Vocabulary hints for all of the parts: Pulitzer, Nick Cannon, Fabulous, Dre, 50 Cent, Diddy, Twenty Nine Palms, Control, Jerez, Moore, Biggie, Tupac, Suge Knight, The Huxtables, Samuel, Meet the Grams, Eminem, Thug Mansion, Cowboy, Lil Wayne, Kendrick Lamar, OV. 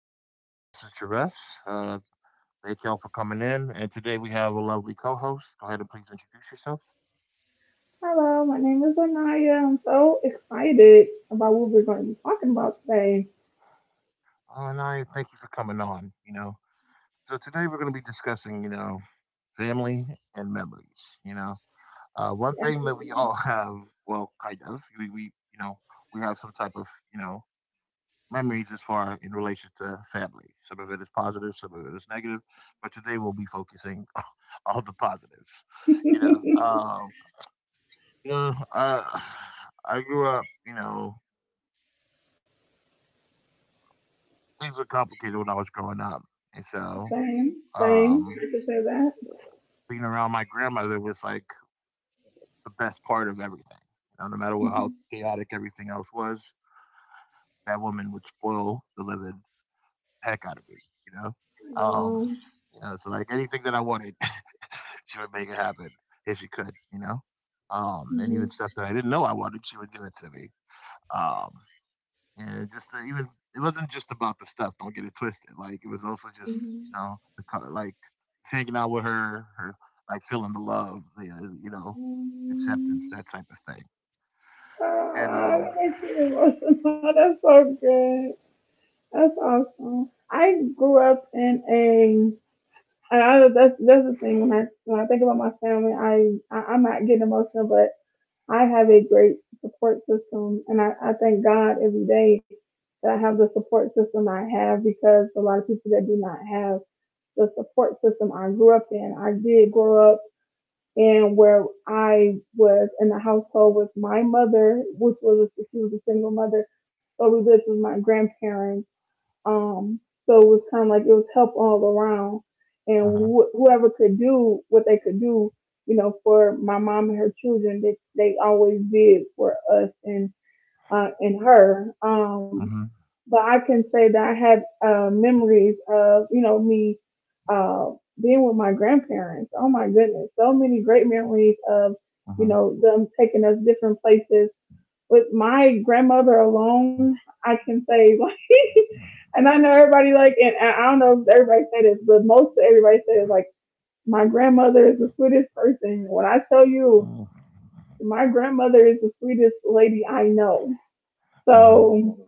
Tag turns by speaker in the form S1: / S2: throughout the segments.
S1: This is Jerez. Uh, thank y'all for coming in. And today we have a lovely co-host. Go ahead and please introduce yourself.
S2: Hello, my name is Anaya. I'm so excited about what we're going to be talking about today.
S1: And I thank you for coming on. You know, so today we're going to be discussing, family and memories. One thing that we
S2: Absolutely.
S1: all have, well, kind of, we have some type of, you know, memories as far in relation to family. Some of it is positive, some of it is negative, but today we'll be focusing on the positives. You know, um, you know, uh, I grew up. You know, things were complicated when I was growing up, and so
S2: same, same.
S1: um,
S2: I could say that.
S1: being around my grandmother was like the best part of everything. You know, no matter what, how
S2: Mhm.
S1: chaotic everything else was, that woman would spoil the living heck out of me, you know? Um,
S2: Wow.
S1: you know, so like anything that I wanted, she would make it happen if she could, you know? And even
S2: Mhm.
S1: stuff that I didn't know I wanted, she would give it to me. Um, and it just even It wasn't just about the stuff. Don't get it twisted. Like it was also just you
S2: Mhm.
S1: know the co- like just hanging out with her, like feeling the love, the
S2: Um,
S1: acceptance, that type of thing. And
S2: Ah, that makes me emotional. That's so good. That's awesome. I grew up in a. I, that's the thing. When I think about my family, I I'm not getting emotional, but I have a great support system, and I thank God every day that I have the support system I have, because a lot of people that do not have the support system I grew up in. I did grow up in where I was in the household with my mother, which was, she was a single mother, but we lived with my grandparents, um, so it was kind of like it was help all around, and
S1: uh-huh,
S2: whoever could do what they could do, you know, for my mom and her children, they always did for us and her.
S1: uh-huh,
S2: But I can say that I had memories of, you know, me uh, being with my grandparents. Oh my goodness, so many great memories of, you know, them taking us different places. With my grandmother alone, I can say like, and I know everybody like, and I don't know if everybody said this, but most everybody says like, my grandmother is the sweetest person. When I tell you,
S1: uh-huh, uh-huh,
S2: my grandmother is the sweetest lady I know.
S1: uh-huh,
S2: So,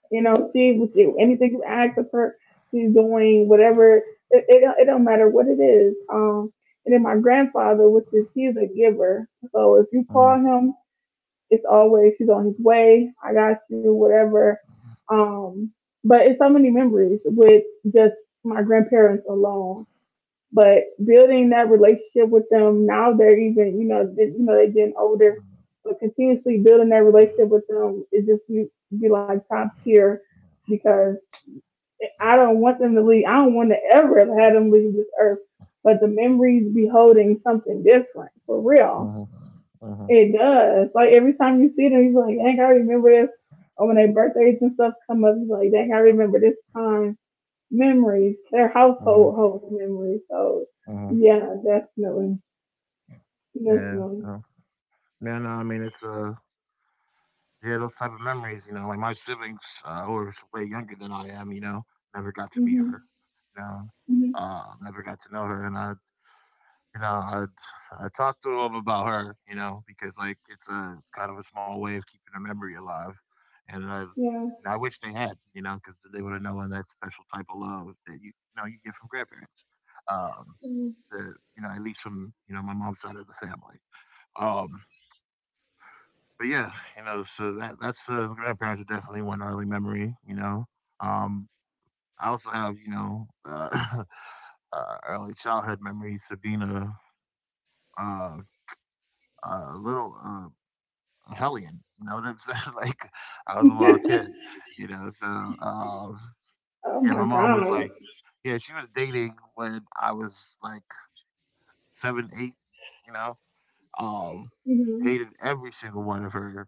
S2: you know, she, anything you ask of her, she's doing whatever. It don't matter what it is. And then my grandfather, which is, he's a giver. So if you call him, it's always, he's on his way. I got you, whatever. Um, but it's so many memories with just my grandparents alone. But building that relationship with them now, they're even, you know, they, they're getting older, but continuously building that relationship with them is just be like top tier, because I don't want them to leave. I don't want to ever have had them leave this earth. But the memories be holding something different for real.
S1: Mhm, mhm,
S2: It does. Like every time you see them, you're like, dang, I remember this. Or when their birthdays and stuff come up, you're like, dang, I remember this time. Memories, their
S1: mhm,
S2: household holds memories. So,
S1: mhm,
S2: yeah, definitely,
S1: yeah,
S2: definitely.
S1: yeah. Yeah, no, I mean, yeah, those type of memories, you know, like my siblings, who are way younger than I am, you know, never got to meet her,
S2: Mhm,
S1: you know,
S2: mhm,
S1: never got to know her, and I, you know, I talked to them about her, you know, because like it's a kind of a small way of keeping her memory alive, and
S2: yeah.
S1: you know, I wish they had, you know, because they would have known that special type of love that you know you get from grandparents. Um,
S2: Mhm.
S1: the you know, at least from you know my mom's side of the family. Um, but yeah, you know, so that that's grandparents are definitely one early memory. Um, I also have early childhood memories of being uh, a little hellion. You know what I'm saying? Like I was a wild kid. You know, so um,
S2: Oh
S1: yeah,
S2: my
S1: my mom was
S2: god.
S1: like, yeah, she was dating when I was like seven, eight. You know, um,
S2: Mhm.
S1: hated every single one of her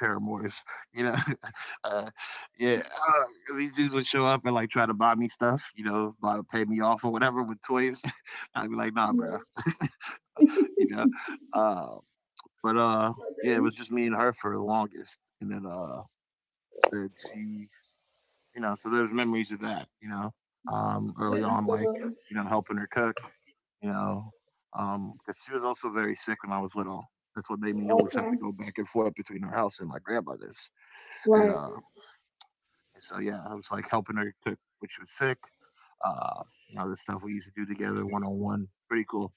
S1: paramours, you know. uh, yeah, these dudes would show up and like try to buy me stuff, you know, buy, pay me off or whatever with toys. I'd be like, nah, bro,
S2: Mhm.
S1: you know. Uh, but yeah, it
S2: Okay.
S1: was just me and her for the longest, and that she, you know, so there's memories of that,
S2: Yeah,
S1: early on, like
S2: absolutely.
S1: you know, helping her cook, you know, because she was also very sick when I was little. That's what made me always have
S2: Okay.
S1: to go back and forth between her house and my grandmother's. And
S2: Right.
S1: uh, And so yeah, I was like helping her cook when she was sick. Uh, you know, the stuff we used to do together one on one. Pretty cool.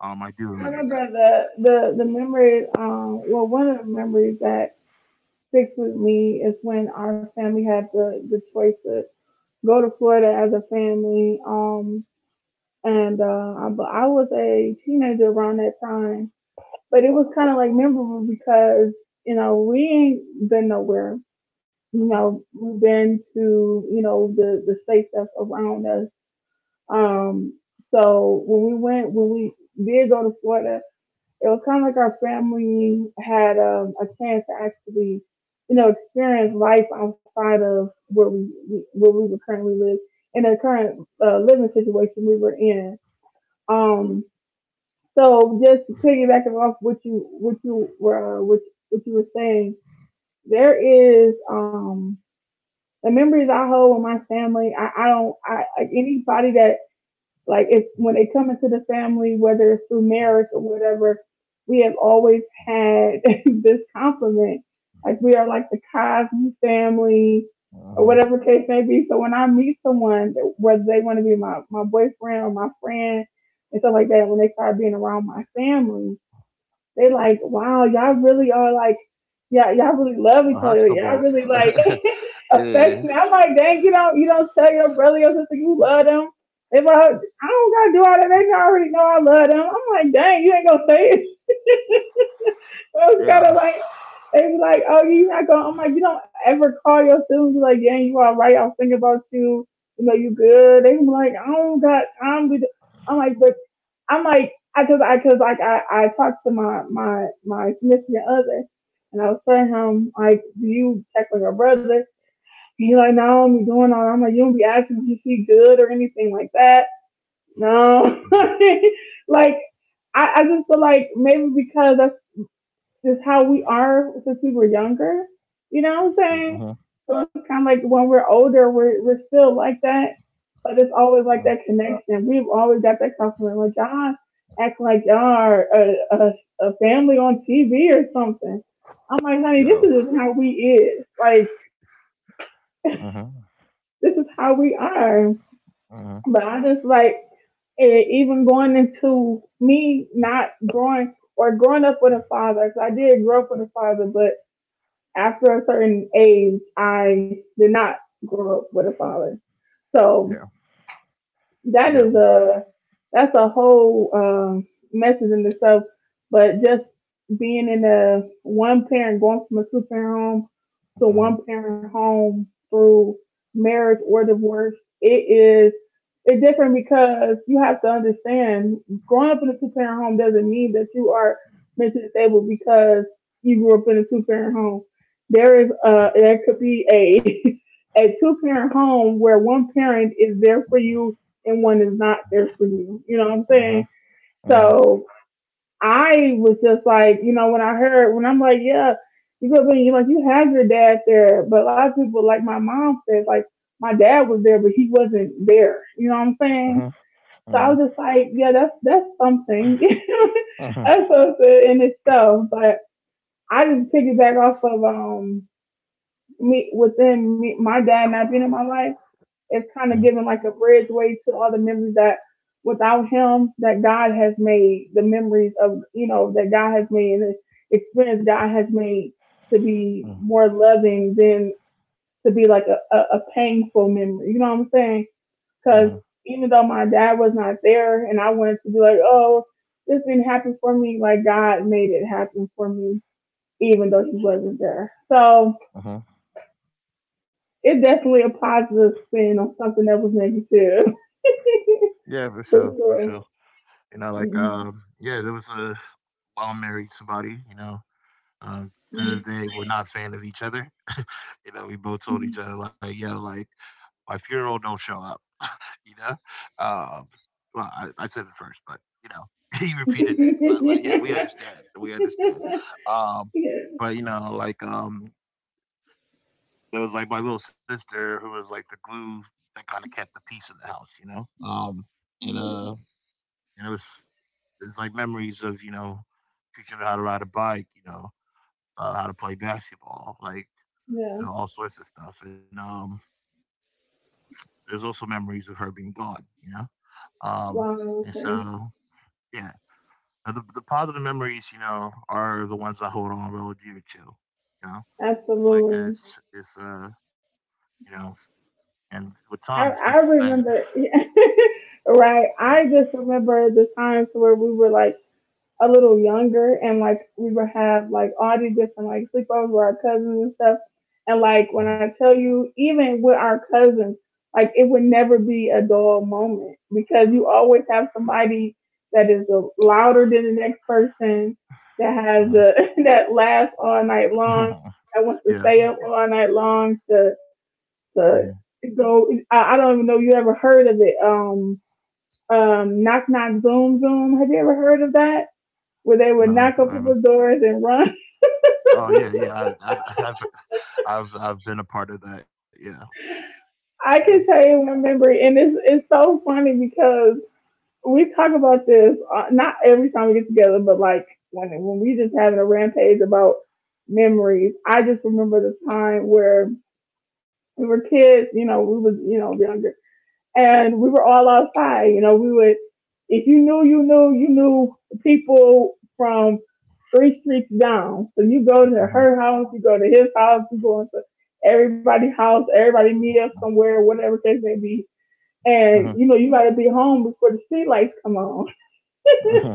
S1: I do
S2: I
S1: remember
S2: remember
S1: that.
S2: the memory. Well, one of the memories that sticks with me is when our family had the choice to go to Florida as a family. And but I was a teenager around that time, but it was kind of like memorable because, you know, we ain't been nowhere. You
S1: Uh-huh.
S2: know, we've been to, you know, the states that's around us. Um, so when we went, when we did go to Florida, it was kind of like our family had a chance to actually, you know, experience life outside of where we, where we were currently live in the current living situation we were in. Um, so just piggybacking off what you were what you were saying, there is the memories I hold with my family. I don't, I like anybody that, like, it's when they come into the family, whether it's through marriage or whatever, we have always had this compliment. Like we are like the Cosby family or
S1: Uh-huh.
S2: whatever case may be. So when I meet someone, whether they want to be my boyfriend or my friend and stuff like that, when they start being around my family, they like, wow, y'all really are like, you y'all really love
S1: The
S2: each other. Y'all really like
S1: Huxtables. yeah.
S2: affectionate. I'm like, dang, you don't tell your brother, your sister you love them. They like, I don't gotta do all that. They already know I love them. I'm like, dang, you ain't gonna say it. I was kind of
S1: Yeah.
S2: like, they was like, oh, you're not going. I'm like, you don't ever call your siblings be like, yeah, you all right? I was thinking about you. You know, you good? They was like, I don't got time to. Do-" I'm like, but I'm like, I cause like I talked to my significant other, and I was telling him like, do you check on your brother? He like, no, I'm doing all. I'm like, you don't be asking if he good or anything like that. No, like I just feel like maybe because that's just how we are since we were younger. You know what I'm saying?
S1: Uh-huh.
S2: So it's kind of like when we're older, we're still like that, but it's always
S1: Uh,
S2: like that connection. We've always got that compliment. Like y'all act like y'all are a, family on TV or something. I'm like, honey, this
S1: Yeah.
S2: is just how we is. Like
S1: Uh-huh.
S2: this is how we are.
S1: Uh-huh.
S2: But I just like it, even going into me not growing or growing up with a father, 'cause I did grow up with a father, but after a certain age, I did not grow up with a father. So
S1: Yeah.
S2: that
S1: Yeah.
S2: is a, that's a whole message in itself. But just being in a one parent, going from a two parent home to one
S1: Uh-huh.
S2: parent home through marriage or divorce, it is, it's different because you have to understand growing up in a two parent home doesn't mean that you are mentally disabled because you grew up in a two parent home. There is there could be a a two parent home where one parent is there for you and one is not there for you. You know what I'm
S1: Uh-huh.
S2: saying?
S1: Uh-huh.
S2: So I was just like, you know, when I heard, when I'm like, yeah, you go, you like, you have your dad there, but a lot of people, like my mom said, like my dad was there, but he wasn't there. You know what I'm saying?
S1: Uh-huh.
S2: So I
S1: Uh-huh.
S2: was just like, yeah, that's something.
S1: Uh-huh. Uh-huh.
S2: That's something in itself. But I just piggyback off of me, within me, my dad not being in my life. It's kind of giving like a bridgeway to all the memories that without him that God has made, the memories of, you know, that God has made and the experience God has made to be more loving than to be like a, painful memory. You know what I'm saying? Cause
S1: Uh-huh.
S2: even though my dad was not there and I wanted to be like, oh, this didn't happen for me, like God made it happen for me, even though he wasn't there. So
S1: Uh-huh.
S2: it definitely a positive spin on something that was negative,
S1: Yeah, for
S2: for
S1: sure. For sure.
S2: sure.
S1: You know, like
S2: Mhm.
S1: yeah, there was a while I married somebody, to this day, we're not a fan of each other. You know, we both told each other like, "Yo, like my funeral, don't show up." You know, um, I said it first, but you know, he repeated it. So I was like,
S2: Yeah.
S1: "Yeah, we understand, we understand." Um, but it was like my little sister who was like the glue that kind of kept the peace in the house. You know, and uh, and it was it's like memories of you know teaching her how to ride a bike. How to play basketball, like
S2: Yeah.
S1: you know, all sorts of stuff. And there's also memories of her being gone, you know. Um,
S2: Wow.
S1: and
S2: Okay.
S1: so yeah, the positive memories, you know, are the ones I hold on real dear to. You know, it's like
S2: Absolutely.
S1: it's you know, and with Tom, it's
S2: I
S1: stuff that
S2: remember. Right.
S1: uh,
S2: I just remember the times where we were like a little younger, and like we would have like all these different like sleepovers with our cousins and stuff. And like when
S1: mhm,
S2: I tell you, even with our cousins, like it would never be a dull moment because you always have somebody that is louder than the next person, that has
S1: uh,
S2: a, that laughs all night long, that wants to
S1: yeah,
S2: stay up all night long to
S1: hmm
S2: to go. I don't even know if you ever heard of it. Knock knock zoom zoom. Have you ever heard of that? Where
S1: and
S2: they would
S1: I
S2: knock on
S1: haven't.
S2: people's doors and run.
S1: Oh yeah, yeah, I I've I've been a part of that. Yeah,
S2: I
S1: yeah,
S2: can tell you one memory, and it's so funny because we talk about this not every time we get together, but like when we just having a rampage about memories. I just remember the time where we were kids. You know, we was, you know, younger, and we were all outside. You know, we would, if you knew, you knew, you knew people from three streets down. So you go to
S1: uh-huh.
S2: her house, you go to his house, you go into everybody's house, everybody meet up somewhere, whatever case may be. And, you know, you gotta be home before the street lights come on.
S1: uh-huh,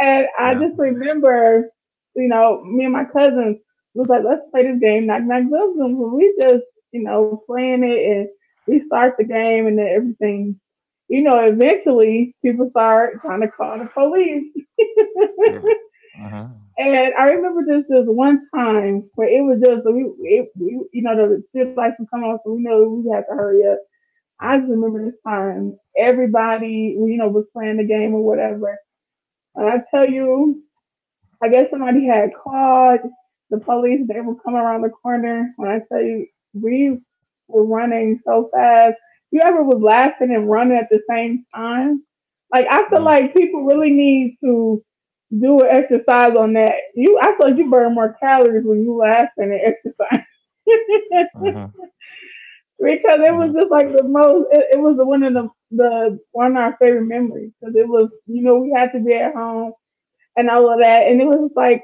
S2: And I
S1: yeah,
S2: just remember, you know, me and my cousins was like, let's play this game, knock knock boom boom. Boom." We just, you know, playing it and we start the game and then everything. You know, eventually people start trying to call the police.
S1: yeah. Uh-huh.
S2: And I remember this this one time where it was just we, it, we, you know, the street lights were coming on, so we know we had to hurry up. I just remember this time everybody, you know, was playing the game or whatever. And I tell you, I guess somebody had called the police. They were coming around the corner. When I tell you, we were running so fast. You ever was laughing and running at the same time? Like I feel
S1: Mhm,
S2: like people really need to do an exercise on that. I feel like you burn more calories when you laughing and exercise.
S1: mhm,
S2: Because
S1: mhm.
S2: it was just like the most. It was the one of our favorite memories because it was you know we had to be at home and all of that, and it was like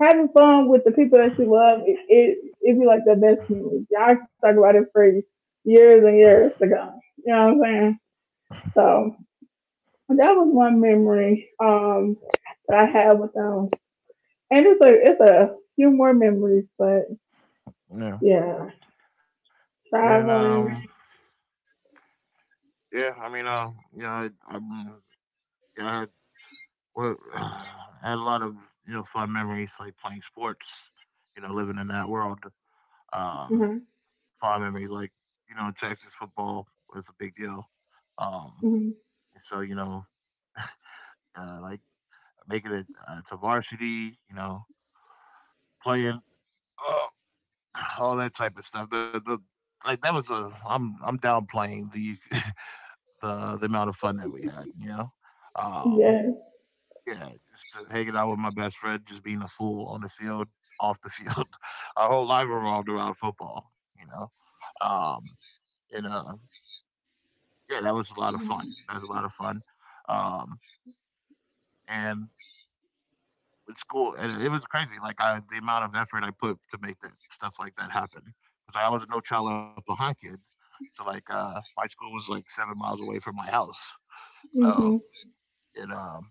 S2: having fun with the people that you love, it'd be like the best memory. I could talk about it for years and years to come. You know what I'm saying? So that was one memory that I had with them. And it's a few more memories, but
S1: Yeah,
S2: yeah,
S1: yeah, and
S2: traveling.
S1: yeah. Yeah, I, um, yeah, I had, well, I had a lot of you know fun memories like playing sports. Living in that world, um,
S2: Uh-huh.
S1: fond memories like you know Texas football was a big deal. Um,
S2: Hmm.
S1: so like making it to varsity, you know, playing uh, all that type of stuff. The like that was a I'm downplaying the the amount of fun that we had, you know? Um,
S2: Yes.
S1: yeah, just to hanging out with my best friend, just being a fool on the field, off the field. Our whole life revolved around football, you know? Um, and yeah, that was a lot of fun. That was a lot of fun. Um, and with school, and it was crazy. The amount of effort I put to make that stuff like that happen. Because I was a no child left behind kid. So my school was like 7 miles away from my house. So
S2: Hmm.
S1: and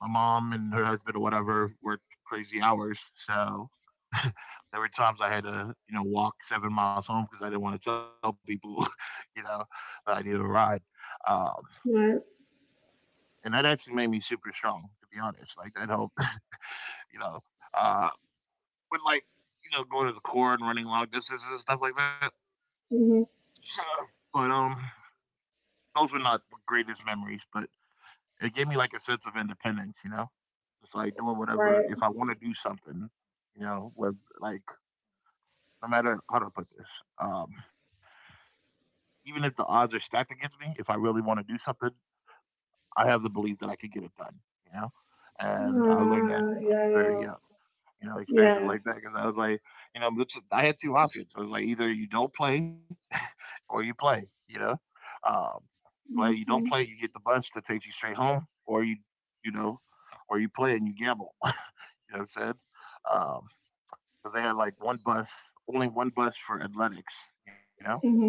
S1: my mom and her husband or whatever worked crazy hours. So there were times I had to, you know, walk 7 miles home because I didn't want to tell people, you know, that I needed a ride. Um,
S2: Right.
S1: and that actually made me super strong, to be honest. Like that helped, you know. Uh, but you know, going to the court and running long distances and stuff like that.
S2: Hmm.
S1: So, But those were not the greatest memories. But it gave me like a sense of independence, you know? It's like doing whatever,
S2: Right.
S1: if I want to do something, you know, with like, no matter how to put this, um, even if the odds are stacked against me, if I really want to do something, I have the belief that I can get it done, you know? And I learned that
S2: Uh,
S1: very
S2: yeah.
S1: young, you know, experiences
S2: Yeah.
S1: like that. Cause I was like, you know, I had two options. I was like, either you don't play or you play. Um, play. You don't play,
S2: Hmm.
S1: you get the bus that takes you straight home, you know, or you play and you gamble. You know what I'm saying? Um, Because they had like one bus, only one bus for athletics. You know,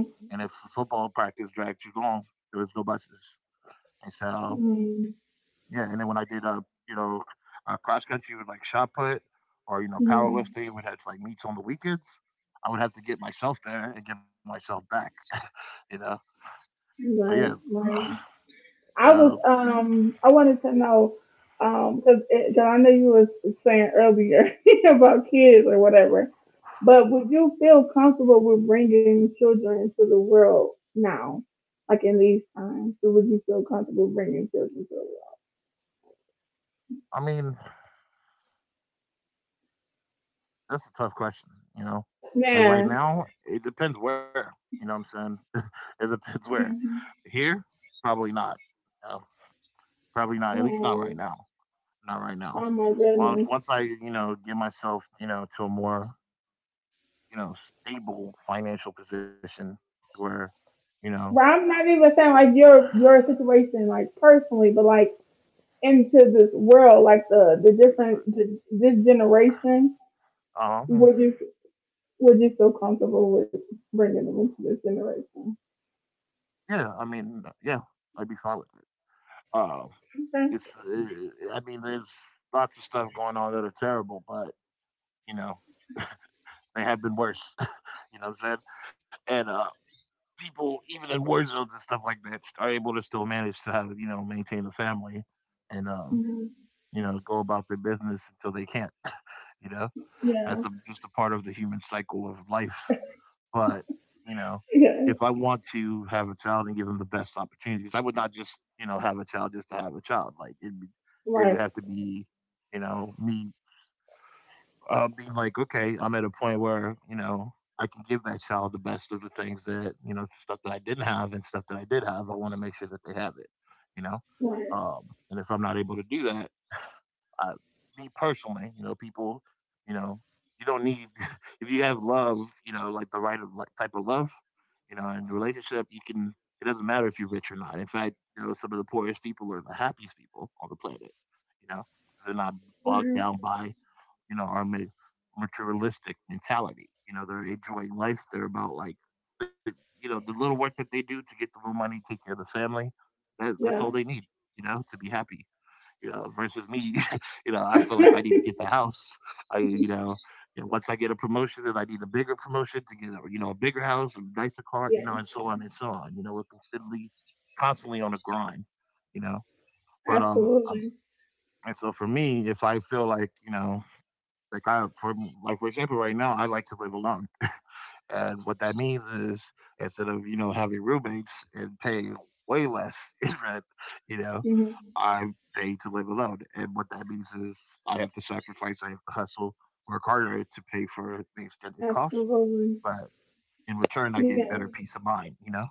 S1: and if football practice dragged too long, there was no buses. And so
S2: Hmm.
S1: yeah, and then when I did you know, cross country with like shot put or you know
S2: Hmm.
S1: powerlifting, we had like meets on the weekends. I would have to get myself there and get myself back. You know, but yeah.
S2: Right.
S1: uh,
S2: Right. I
S1: So,
S2: was I wanted to know because I know you was saying earlier about kids or whatever, but would you feel comfortable with bringing children into the world now, like in these times? Or would you feel comfortable bringing children to the world?
S1: I mean, that's a tough question, you know? Like right
S2: Yeah.
S1: now, it depends where, you know what I'm saying? It depends where.
S2: Mhm.
S1: Here, probably not. Uh, probably not, at least not right
S2: Wow.
S1: now. Not right now.
S2: Oh my
S1: Once,
S2: goodness.
S1: once I, you know, get myself, you know, to a more, you know, stable financial position where, you know,
S2: Well, I'm not even saying like your situation like personally, but like into this world, like the the different the, this generation.
S1: um,
S2: Would you Would you feel comfortable with bringing them into this generation?
S1: yeah, I mean, yeah, I'd be fine with it. Uh,
S2: Okay.
S1: I mean, there's lots of stuff going on that are terrible, but you know, they have been worse, you know what I'm saying? And, people, even in war zones and stuff like that, are able to still manage to have, you know, maintain a family and,
S2: Mhm.
S1: you know, go about their business until they can't, you know?
S2: Yeah.
S1: That's a, just a part of the human cycle of life. But, you know,
S2: Yeah.
S1: if I want to have a child and give them the best opportunities, I would not just, you know, have a child just to have a child. Like, it'd be, it would
S2: Right.
S1: have to be, you know, me being like, okay, I'm at a point where you know I can give that child the best of the things that you know stuff that I didn't have and stuff that I did have. I want to make sure that they have it, you know.
S2: Right.
S1: And if I'm not able to do that, I, me personally, you know, you know, you don't need if you have love, you know, like the right of, like, type of love, you know, in the relationship, you can. It doesn't matter if you're rich or not. In fact, you know, some of the poorest people are the happiest people on the planet, you know, because they're not bogged
S2: Mhm.
S1: down by our materialistic mentality. You know, they're enjoying life. They're about like the the little work that they do to get the little money, take care of the family. That's
S2: Yeah.
S1: all they need. You know, to be happy. You know, versus me. I feel like I need to get the house. I you know. Once I get a promotion, then I need a bigger promotion to get, a bigger house, a nicer car, you
S2: Yeah.
S1: know, and so on and so on. You know, we're constantly on a grind, you know. But
S2: Absolutely.
S1: and so for me, if I feel like you know like I, for like for example, right now I like to live alone, and what that means is instead of having roommates and paying way less in rent, you know,
S2: Mhm.
S1: I'm paid to live alone, and what that means is I have to sacrifice, I have to hustle, work harder to pay for the extended costs,
S2: Absolutely.
S1: but in return I get
S2: Yeah.
S1: better peace of mind, you know.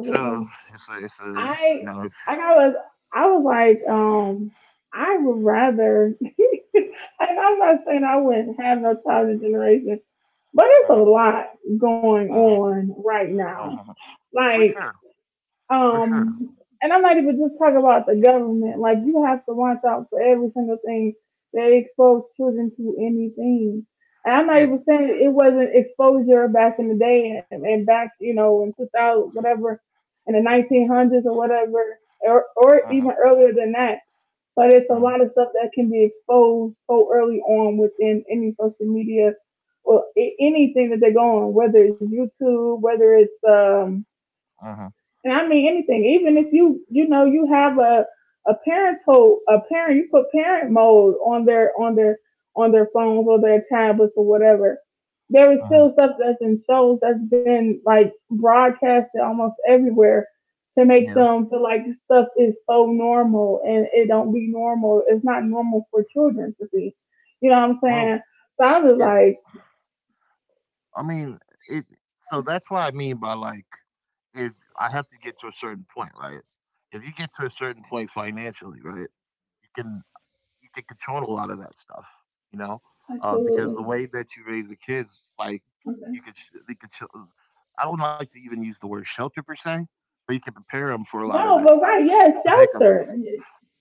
S1: So it's a, it's a, you
S2: I
S1: know, it's,
S2: like I was I was like, I would rather and I'm not saying I wouldn't have no child in generation, but it's a
S1: uh-huh,
S2: lot going
S1: uh-huh,
S2: on right now.
S1: uh-huh. For
S2: Like
S1: sure, for sure,
S2: um, and I'm not even just talking about the government. Like you have to watch out for every single thing they expose children to anything. And I'm not
S1: yeah,
S2: even saying it wasn't exposure back in the day, and back, you know, in 2000, whatever, in the 1900s or whatever, or
S1: uh-huh,
S2: even earlier than that. But it's a
S1: uh-huh,
S2: lot of stuff that can be exposed so early on within any social media or anything that they go on, whether it's YouTube, whether it's,
S1: uh-huh,
S2: and I mean anything, even if you you know you have a parent you put parent mode on their on their on their phones or their tablets or whatever. There is
S1: uh-huh.
S2: still stuff that's in shows that's been like broadcasted almost everywhere to make
S1: Yeah.
S2: them feel like stuff is so normal, and it don't be normal. It's not normal for children to see. You know what I'm
S1: Well,
S2: saying? So I was
S1: I mean, it so that's what I mean by like if I have to get to a certain point, right? If you get to a certain point financially, right, you can you can control a lot of that stuff, you know,
S2: like,
S1: because the
S2: absolutely.
S1: way that you raise the kids, like
S2: Okay.
S1: you could sh- they could. Sh- I don't like to even use the word shelter per se, but you can prepare them for a lot of
S2: No,
S1: that
S2: but
S1: stuff
S2: right, yeah,
S1: to make 'em
S2: shelter.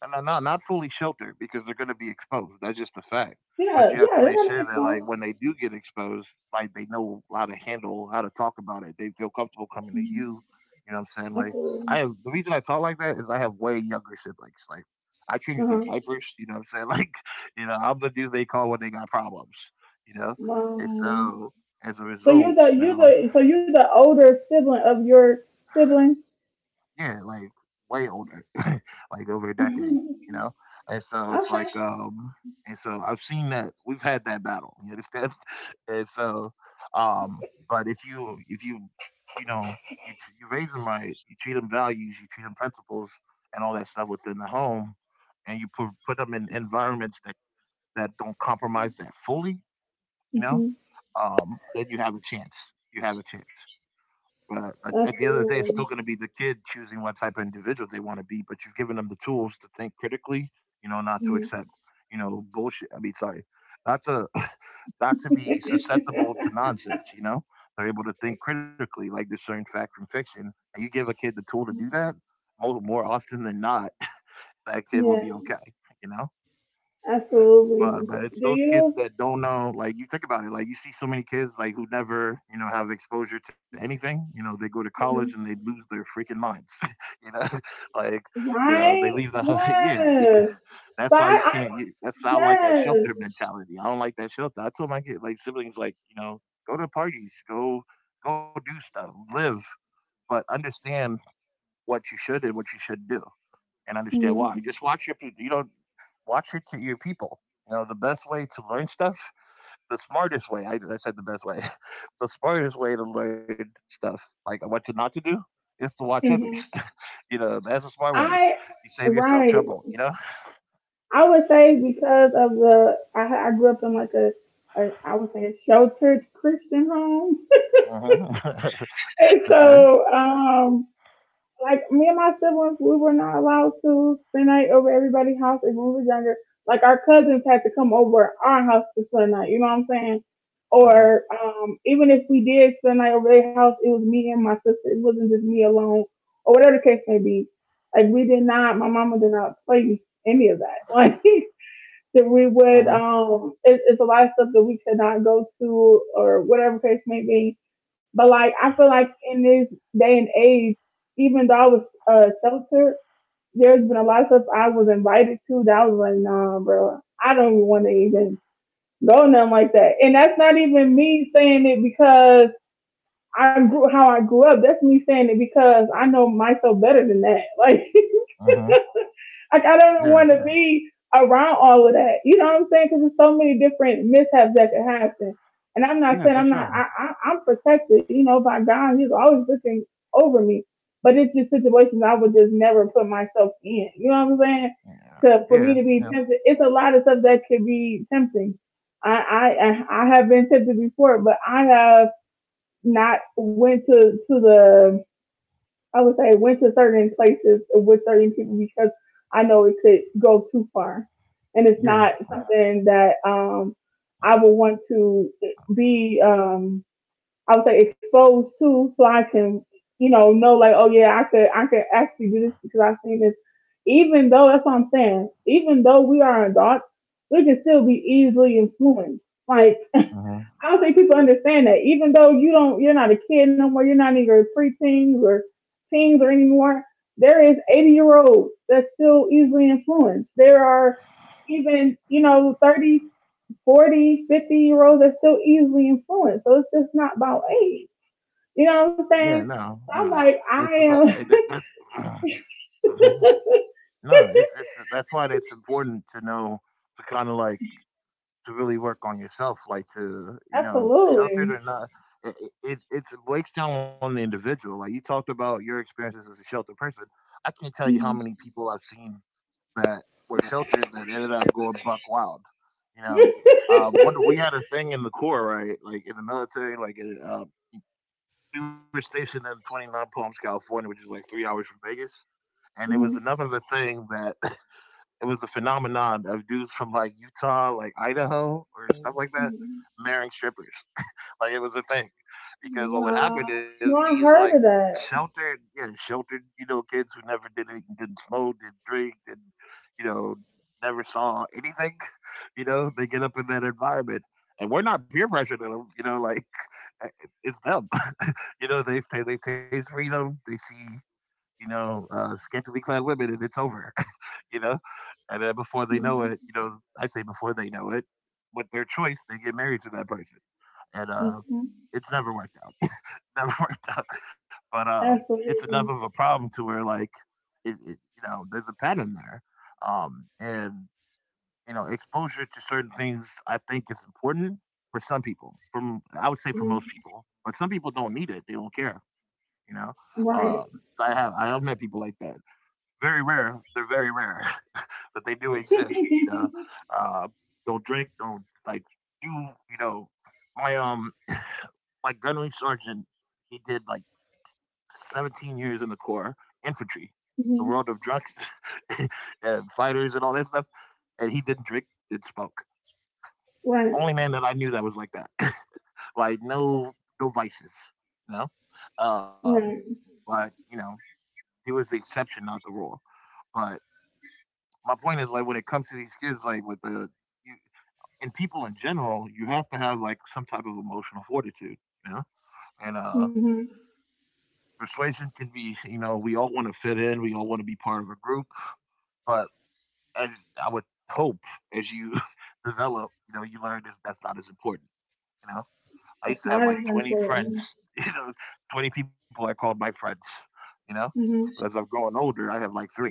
S1: and they're not fully sheltered because they're gonna be exposed, that's just a fact, but
S2: Yeah,
S1: you have to
S2: yeah, that
S1: make
S2: kind of
S1: sure
S2: makes
S1: that, like,
S2: sense.
S1: when they do get exposed, like, they know how to handle, how to talk about it, they feel comfortable coming to you, you know what I'm saying?
S2: That's
S1: Like, I
S2: cool.
S1: have the reason I talk like that is I have way younger siblings, like, I
S2: Uh
S1: changed their
S2: huh.
S1: diapers, you know what I'm saying? Like, you know, I'm the dude they call when they got problems, you know? And
S2: Wow.
S1: so, as a
S2: So
S1: result, you know,
S2: you're the older sibling of your sibling.
S1: yeah, like way older, like over a decade, you
S2: Okay.
S1: know? And so it's like, and so I've seen that we've had that battle, you understand? And so, but if you, you know, you, tr- you raise them right, you treat them values, you treat them principles and all that stuff within the home, and you put them in environments that don't compromise that fully, you know,
S2: Hmm.
S1: then you have a chance. You have a chance. But
S2: That's
S1: at the end of the day, it's
S2: cool.
S1: still going to be the kid choosing what type of individual they want to be. But you've given them the tools to think critically, you know, not to
S2: Mhm.
S1: accept, you know, bullshit. I mean, sorry, not to not to be susceptible to nonsense. You know, they're able to think critically, like discern fact from fiction. And you give a kid the tool to do that more often than not, that kid will
S2: Yeah,
S1: be okay. You know. But
S2: absolutely.
S1: it's
S2: Do
S1: those kids
S2: you?
S1: that don't know, like you think about it, like you see so many kids like who never, you know, have exposure to anything. You know, they go to college and they
S2: Mhm.
S1: lose their freaking minds. you know, like they leave
S2: Right?
S1: the yeah because
S2: Yes.
S1: that's why
S2: But
S1: you
S2: I
S1: can't. You, that's I don't like that
S2: yes.
S1: shelter mentality. I don't like that shelter. I told my kid like siblings like go to parties, go do stuff, live, but understand what you should and what you should do and understand why.
S2: Mm-hmm.
S1: Just watch your watch your people. You know the best way to learn stuff, the smartest way. I said the best way, the smartest way to learn stuff, like what to not to do, is to watch others. You know that's a smart way.
S2: I
S1: You save yourself trouble.
S2: right.
S1: You know.
S2: I would say because of the I grew up in like a, I would say, a sheltered Christian home,
S1: Hmm.
S2: and
S1: Okay.
S2: so like me and my siblings, we were not allowed to spend night over everybody's house if we were younger. Like our cousins had to come over our house to spend night. You know what I'm saying?
S1: Hmm.
S2: Or even if we did spend night over their house, it was me and my sister. It wasn't just me alone, or whatever the case may be. Like we did not. My mama did not play any of that. Like that we
S1: Hmm.
S2: would it's a lot of stuff that we could not go to or whatever case may be, but like I feel like in this day and age, even though I was sheltered, there's been a lot of stuff I was invited to that I was like, nah bro, I don't even want to even go, nothing like that. And that's not even me saying it because I grew how I grew up, that's me saying it because I know myself better than that. Like
S1: Hmm.
S2: like I
S1: Yeah.
S2: don't want to be around all of that. You know what I'm saying? Because there's so many different mishaps that could happen. And I'm not
S1: Yeah.
S2: saying
S1: For
S2: I'm not.
S1: sure.
S2: I I'm protected. You know, by God, He's always looking over me. But it's just situations I would just never put myself in. You know what I'm saying?
S1: Yeah.
S2: To for
S1: Yeah.
S2: me to
S1: Yeah.
S2: be tempted, it's a lot of stuff that could be tempting. I have been tempted before, but I have not went to the I would say went to certain places with certain people because I know it could go too far. And it's
S1: Yeah.
S2: not something that I would want to be I would say exposed to so I can, you know like, oh yeah, I could actually do this because I've seen this. Even though that's what I'm saying, even though we are adults, we can still be easily influenced. Like
S1: Hmm.
S2: I don't think people understand that. Even though you're not a kid no more. You're not even pre-teens or teens or anymore. There is 80-year-olds that's still easily influenced. There are even, you know, 30, 40, 50-year-olds that's still easily influenced. So it's just not about age. You know what I'm
S1: Yeah.
S2: saying?
S1: No.
S2: So
S1: No.
S2: I'm like,
S1: It's about
S2: I
S1: that, that's.
S2: am
S1: No, it's that's why it's important to know to kind of like to really work on yourself, like to you know, sheltered
S2: absolutely.
S1: or not. It, it breaks down on the individual. Like you talked about your experiences as a sheltered person. I can't tell you how many
S2: Mm-hmm.
S1: people I've seen that were sheltered that ended up going buck wild. You know, one we had a thing in the Corps, right? Like in the military, like uh, we were stationed in 29 Palms, California, which is like 3 hours from Vegas, and it was
S2: Mhm.
S1: enough of a thing that. It was a phenomenon of dudes from like Utah, like Idaho, or stuff like that, marrying strippers. Like it was a thing, because what would
S2: Wow.
S1: happen is
S2: No,
S1: these
S2: I
S1: like
S2: heard of that.
S1: sheltered, yeah, sheltered, you know, kids who never did anything, didn't smoke, didn't, drink, didn't, you know, never saw anything, you know, they get up in that environment. And we're not peer pressuring them, you know, like it's them. You know, they taste freedom, they see, you know, scantily clad women, and it's over. You know, and then before they know it, you know, I say before they know it, with their choice, they get married to that person. And
S2: Mm-hmm.
S1: it's never worked out. It never worked out. But it's enough
S2: Absolutely.
S1: of a problem to where, like, you know, there's a pattern there. And, you know, exposure to certain things, I think, is important for some people. From I would say
S2: Hmm.
S1: for most people, but some people don't need it. They don't care. You know,
S2: Right.
S1: um, I have met people like that. Very rare. They're very rare. But they do exist. You know, uh, don't drink, don't like do. You know, my um my gunnery sergeant, he did like 17 years in the Corps, infantry, the
S2: Hmm.
S1: world of drugs and fighters and all that stuff, and he didn't drink, didn't smoke.
S2: Right.
S1: Only man that I knew that was like that, like no vices, you know. Um,
S2: Right.
S1: but you know, he was the exception, not the rule. But my point is like when it comes to these kids, like with you, and people in general, you have to have like some type of emotional fortitude, you know? And
S2: Hmm.
S1: persuasion can be, you know, we all want to fit in, we all want to be part of a group, but as I would hope as you develop, you know, you learn this that's not as important, you know?
S2: That's
S1: I used to
S2: not
S1: have
S2: as
S1: like 20
S2: important.
S1: friends, you know, 20 people I called my friends, you know? But as
S2: Hmm.
S1: I've grown older, I have like 3.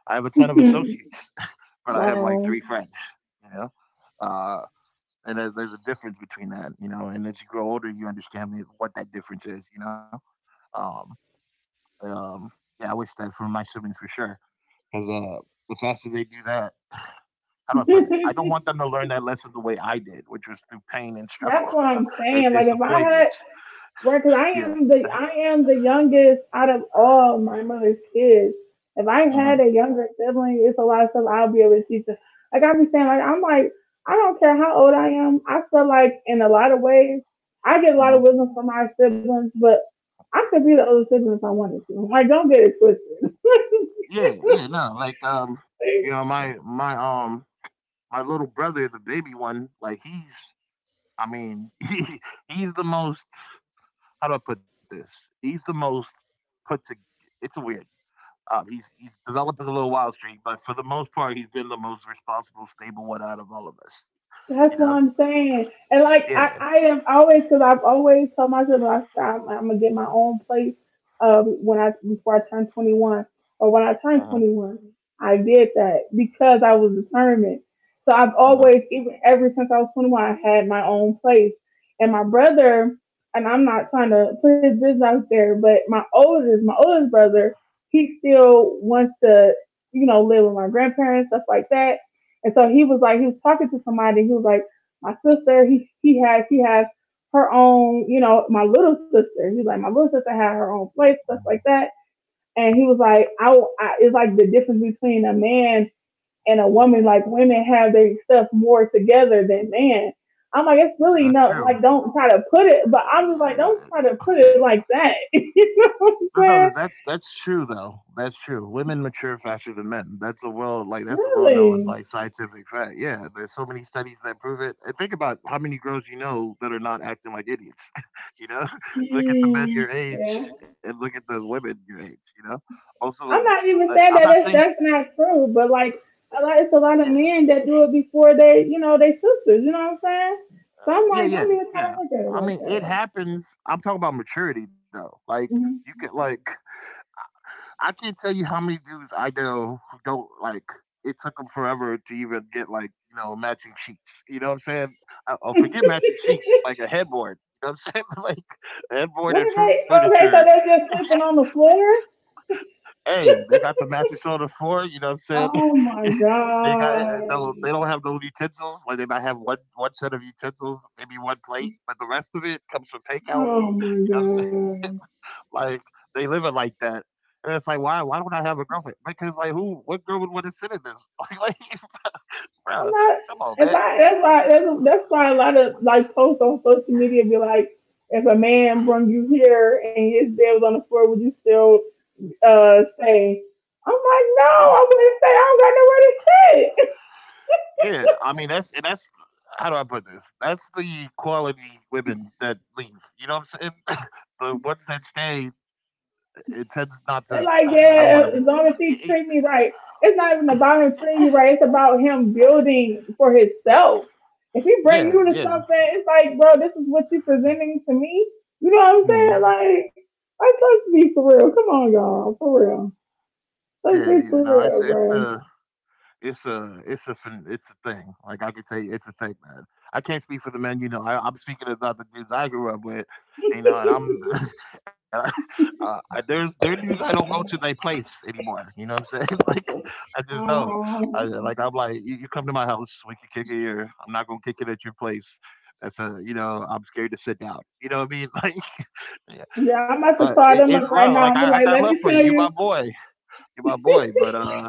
S1: I have a ton of associates, but I have like
S2: Wow.
S1: 3 friends, you know? Uh and there's a difference between that, you know. And as you grow older, you understand what that difference is, you know. Um, um, yeah, I wish that for my siblings for sure, because the faster they do that, how do I put it? I don't
S2: That's
S1: want them to learn that lesson the way I did, which was through pain and struggle
S2: what I'm saying.
S1: and
S2: Like if I had
S1: disappointments.
S2: Right, because I
S1: You know.
S2: am the youngest out of all my mother's kids. If I
S1: Uh
S2: had a younger sibling, it's a lot of stuff I'll be able to teach them. Like I be saying, I don't care how old I am. I feel like in a lot of ways, I get a lot of
S1: huh.
S2: wisdom from my siblings, but I could be the older sibling if I wanted to. Like don't get it twisted.
S1: Yeah. Yeah. No. Like you know, my little brother, the baby one, like he's. I mean, he's the most how do I put this? He's the most put to. It's a weird. He's developing a little wild streak, but for the most part, he's been the most responsible, stable one out of all of us.
S2: That's
S1: You
S2: what
S1: know?
S2: I'm saying. And like
S1: Yeah.
S2: I am always because I've always told myself like I said I'm gonna get my own place of when I before I turn 21 or when I
S1: Uh
S2: turn
S1: huh.
S2: 21. I did that because I was determined. So I've
S1: Uh huh.
S2: always, even ever since I was 21, I had my own place. And my brother, and I'm not trying to put his business out there, but my oldest brother, he still wants to, you know, live with my grandparents, stuff like that, and so he was like, he was talking to somebody. He was like, my sister, she has her own, you know, my little sister. He's like, my little sister had her own place, stuff like that. And he was like, I it's like the difference between a man and a woman. Like women have their stuff more together than man. I'm like, it's really
S1: That's
S2: not
S1: true.
S2: like don't try to put it, but I'm just like, don't
S1: Uh,
S2: try to put it like that. You know what I'm
S1: No, no,
S2: saying?
S1: that's true though. That's true. Women mature faster than men. That's a well like that's a well known
S2: Really?
S1: like scientific fact. Yeah, there's so many studies that prove it. And think about how many girls you know that are not acting like idiots. you know, Look at the men your
S2: Mm, yeah.
S1: age and look at the women your age. You know, also
S2: I'm not
S1: that
S2: even
S1: I'm
S2: saying that
S1: not saying
S2: that's not true, but like a lot, it's a lot of
S1: yeah,
S2: men that do it before they, you know, they sisters. You know what I'm saying? So I'm
S1: yeah,
S2: like,
S1: yeah,
S2: don't even try
S1: yeah
S2: to look at it
S1: I
S2: like
S1: mean, it
S2: that.
S1: happens. I'm talking about maturity though. Like you
S2: Mhm.
S1: could like I can't tell you how many dudes I know who don't It took them forever to even get matching sheets. You know what I'm saying? Oh, forget matching sheets, like a headboard. You know what I'm saying? A
S2: What
S1: headboard
S2: are
S1: and
S2: they?
S1: furniture.
S2: Okay, so they're just sleeping on the floor.
S1: Hey, they got the mattress on the floor. You know what I'm saying?
S2: Oh my
S1: They got no, they
S2: god.
S1: don't have no utensils. Like they might have one set of utensils, maybe one plate, but the rest of it comes from takeout.
S2: Oh my
S1: You know what I'm saying?
S2: god.
S1: Like, they live it like that. And it's like, why don't I have a girlfriend? Because like, who what girl would want to sit in this? Like, bro,
S2: I'm not.
S1: come on,
S2: If
S1: man.
S2: I That's why
S1: You
S2: that's why a lot of like posts on social media be like, if a man brung you here and his dad was on the floor, would you still say. I'm like,
S1: know?
S2: no,
S1: Mhm.
S2: I wouldn't say I don't got nowhere to sit.
S1: Yeah. I mean, that's how do I put this? That's the quality women that leave. You know what I'm saying? The ones that stay it tends not to
S2: They're like,
S1: I don't want to be.
S2: yeah, as long as
S1: Yeah,
S2: he treat me right. It's not even about him treating you right. It's about him building for himself. If he bring
S1: yeah. Yeah,
S2: you to
S1: yeah.
S2: something, it's like, bro, this is what you presenting to me. You know what I'm saying? Like let's be for real. Come on, y'all, for real.
S1: Yeah,
S2: Let's
S1: yeah.
S2: be for
S1: No,
S2: real, bro.
S1: It's a phen it's a thing. Like, I can tell you it's a thing, man. I can't speak for the men, you know, I'm speaking about the dudes I grew up with, you know, and I'm and I, I- there's there are dudes I don't go to their place anymore, you know what I'm saying? Like, I just don't.
S2: Um,
S1: I'm like, You come to my house, we can kick it here. I'm not gonna kick it at your place. That's a you know, I'm scared to sit down." You know what I mean? Like, yeah,
S2: yeah, I'm
S1: but
S2: about to
S1: it,
S2: call
S1: it's
S2: them up
S1: love. Like,
S2: right
S1: I
S2: now
S1: I
S2: and be
S1: got
S2: like,
S1: love
S2: let
S1: for you.
S2: me
S1: You
S2: tell
S1: my
S2: you.
S1: boy. You my boy, but,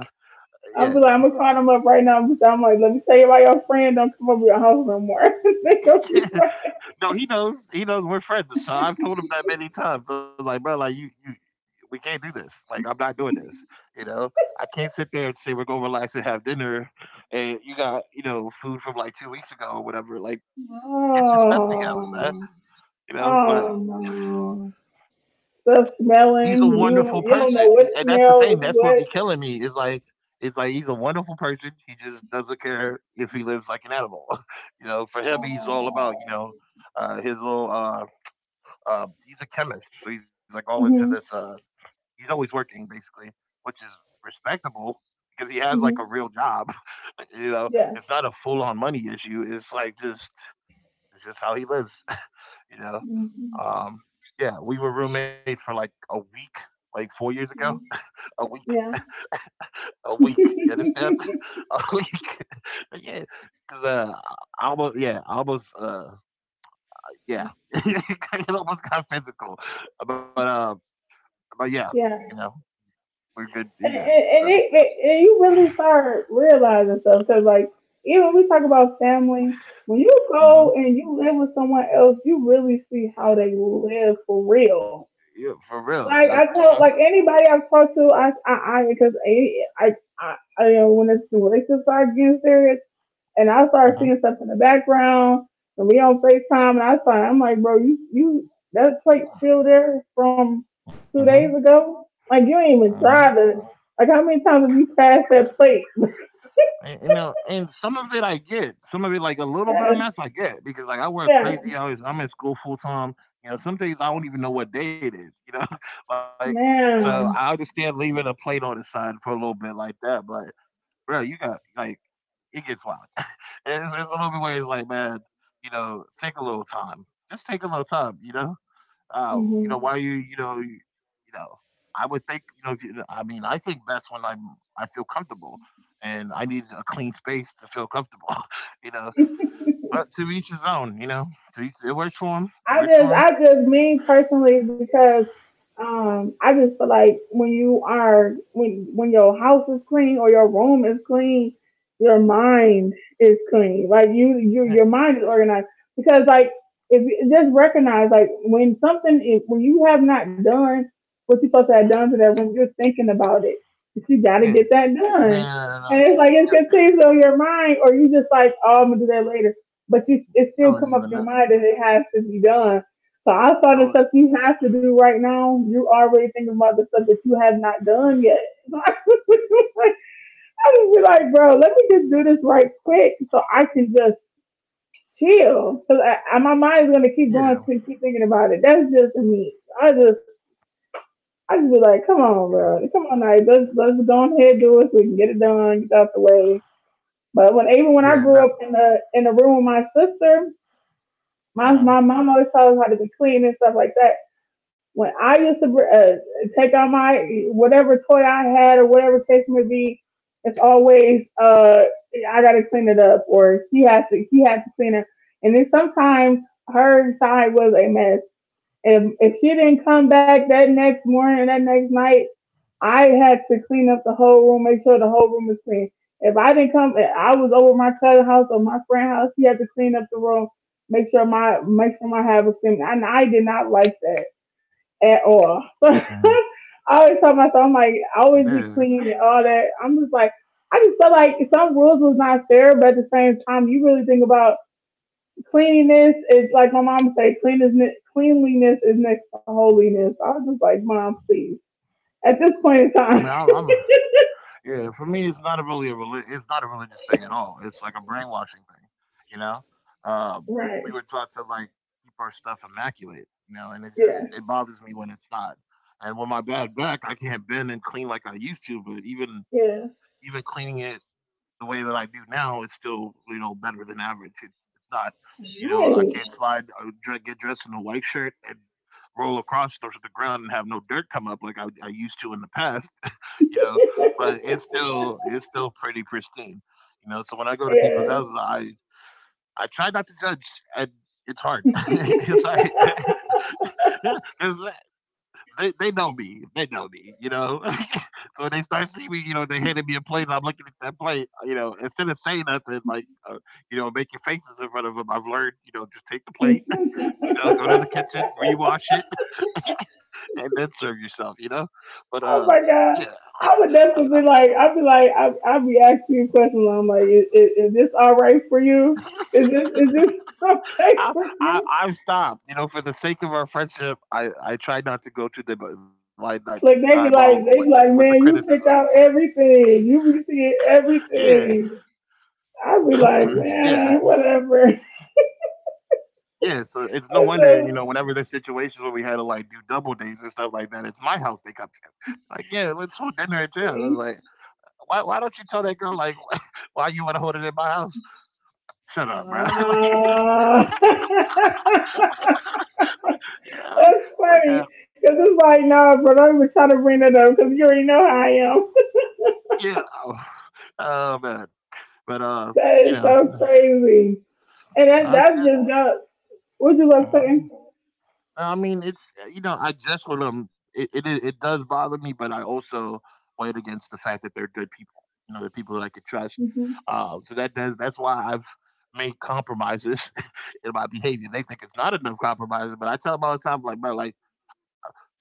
S2: I'm
S1: yeah.
S2: like, I'm gonna call them up right now because I'm like, let me tell you about your friend. Don't come over your house no more. They gonna be like,
S1: No, he knows. He knows we're friends. So I've told him that many times. I'm like, bro, like we can't do this. Like I'm not doing this. You know, I can't sit there and say we're gonna relax and have dinner, and you got you know food from like 2 weeks ago or whatever. Like get your stuff together, man.
S2: oh,
S1: You know, but
S2: oh no. Stuff
S1: he's a
S2: smelling.
S1: wonderful
S2: You
S1: person,
S2: don't
S1: he,
S2: know
S1: and
S2: what
S1: that's the thing. That's
S2: smell is
S1: what be
S2: what.
S1: killing me is like, It's like he's a wonderful person. He just doesn't care if he lives like an animal. You know, for him, he's all about you
S2: Oh.
S1: know his little he's a chemist, so he's like all into this.
S2: Mhm.
S1: He's always working basically, which is respectable because he has like a
S2: Mhm.
S1: real job. You know,
S2: Yeah.
S1: it's not a full on money issue. It's like just how he lives. You know,
S2: Mhm.
S1: um, yeah, we were roommates for like a week, like 4 years ago. A week,
S2: Yeah.
S1: a week. You understand? A week. Yeah, because I almost yeah, it almost got physical. But uh, but yeah, you know,
S2: Yeah.
S1: we're good. Yeah.
S2: and, and, and
S1: So
S2: it, it, and you really start realizing stuff, because like even when we talk about family, when you
S1: Mm-hmm.
S2: go and you live with someone else, you really see how they live for real.
S1: Yeah, for real.
S2: Like
S1: Like,
S2: i
S1: uh-huh,
S2: tell like anybody I've talked to, I because I, I you know, when it's when relationships start getting serious and I started
S1: uh-huh,
S2: seeing stuff in the background, and we on FaceTime, and I started, I'm like, bro, that plate still there from two
S1: uh-huh,
S2: days ago? Like, you ain't even
S1: uh-huh.
S2: tried to, like, how many times have you passed that plate?
S1: And, you know, and some of it I get. Some of it, like a little bit of mess, I get because like I work
S2: Yeah,
S1: crazy hours. I'm in school full time. You know, some days I don't even know what day it is. You know, like so I
S2: man.
S1: understand leaving a plate on the side for a little bit like that. But bro, you got it gets wild. It's a little bit where it's like, man, you know, take a little time. Just take a little time. You know, why
S2: hmm
S1: are you, you know, I would think, you know, if you, I mean, I think that's when I feel comfortable and I need a clean space to feel comfortable, you know, but to each his own, you know, to each, it works for him. It
S2: I
S1: works for
S2: just,
S1: him.
S2: I just mean personally, because I just feel like when you are, when your house is clean or your room is clean, your mind is clean. Like your
S1: Yeah.
S2: mind is organized. Because like, if you just recognize, like when when you have not done what you're supposed to have done to that room, you're thinking about it. But you got to get
S1: Yeah.
S2: that done.
S1: Man,
S2: And it's like it continues on your mind, or you just like, oh, I'm gonna do that later, but you it still
S1: you
S2: come
S1: don't
S2: up your
S1: even know.
S2: mind that it has to be done. So outside of stuff
S1: You
S2: you have to do right now, you already thinking about the stuff that you have not done yet. So I would be like, bro, let me just do this right quick so I can just chill. Cause my mind's gonna
S1: don't,
S2: keep
S1: yeah.
S2: going, to keep thinking about it. That's just me. I just I just be like, come on,
S1: Yeah.
S2: bro, come on, like let's go ahead do it so we can get it done, get out the way. But when even when I grew
S1: Yeah.
S2: up
S1: No.
S2: in the room with my sister, My
S1: Uh
S2: my
S1: huh.
S2: mom always told us how to be clean and stuff like that. When I used to take out my whatever toy I had or whatever case may be, it's always I gotta clean it up, or she has to clean it. And then sometimes her side was a mess. And if she didn't come back that next morning or that next night, I had to clean up the whole room, make sure the whole room is clean. If I didn't come, if I was over my cousin's house or my friend's house, he had to clean up the room, make sure my house was clean. And I did not like that at
S1: Uh
S2: all.
S1: huh.
S2: I always tell myself, I'm like, I
S1: Yeah.
S2: always be clean and all that. I'm just like, I just felt like some rules was not fair, but at the same time, you really think about cleanliness. It's like my mom would say, cleanliness, cleanliness is next to holiness. I was just like, mom, please. At this point in
S1: I mean,
S2: time,
S1: I, I'm yeah, for me, it's not a really a it's not a religious thing at all. It's like a brainwashing thing, you know. Um, we
S2: right.
S1: were taught to like keep our stuff immaculate, you know, and
S2: Yeah.
S1: it bothers me when it's not. And with my bad back, I can't bend and clean like I used to. But even
S2: Yeah.
S1: even cleaning it the way that I do now is still you know better than average. It, it's not, You know, I can't
S2: Right.
S1: slide get dressed in a white shirt and roll across the ground and have no dirt come up like I used to in the past, you know, but it's still pretty pristine, you know. So when I go to people's
S2: Yeah.
S1: houses, I try not to judge, and it's hard. It's hard. 'Cause they know me, you know. So when they start seeing me, you know, they handed me a plate, and I'm looking at that plate, you know, instead of saying nothing, making faces in front of them, I've learned, you know, just take the plate, you know, go to
S2: oh
S1: the kitchen, rewash it, and then serve yourself, you know. But
S2: my god.
S1: yeah,
S2: I would
S1: and
S2: definitely be like, I'd be asking you questions. I'm like, is this all right for you? Is this okay
S1: I,
S2: for you?
S1: I stopped. You know, for the sake of our friendship, I try not to go too
S2: Like
S1: diabolical with it with the
S2: they be like, man,
S1: criticism.
S2: you pick out everything. You be seeing
S1: Yeah,
S2: everything. I'd be like,
S1: yeah,
S2: man, whatever.
S1: yeah. So it's no
S2: It's
S1: wonder you know
S2: a-
S1: whenever there's situations where we had to like do double dates and stuff like that, it's my house they come to. Like, yeah, let's hold dinner at jail. I was like, why don't you tell that girl like why you want to hold it in my house? Shut up, bro.
S2: Ah.
S1: Like, yeah,
S2: That's
S1: like
S2: funny. Because it's like, no, but I'm even trying to bring that up because you already know how I am.
S1: yeah, oh, oh man. But
S2: That is
S1: you
S2: so
S1: know,
S2: crazy. And that's
S1: that's good.
S2: just got, what you love
S1: Mhm.
S2: saying?
S1: I mean, it's you know, I just with them, it it does bother me, but I also weigh it against the fact that they're good people. You know, they're people that I could trust.
S2: Mhm.
S1: So that's why I've made compromises in my behavior. They think it's not enough compromises, but I tell them all the time, like, bro, like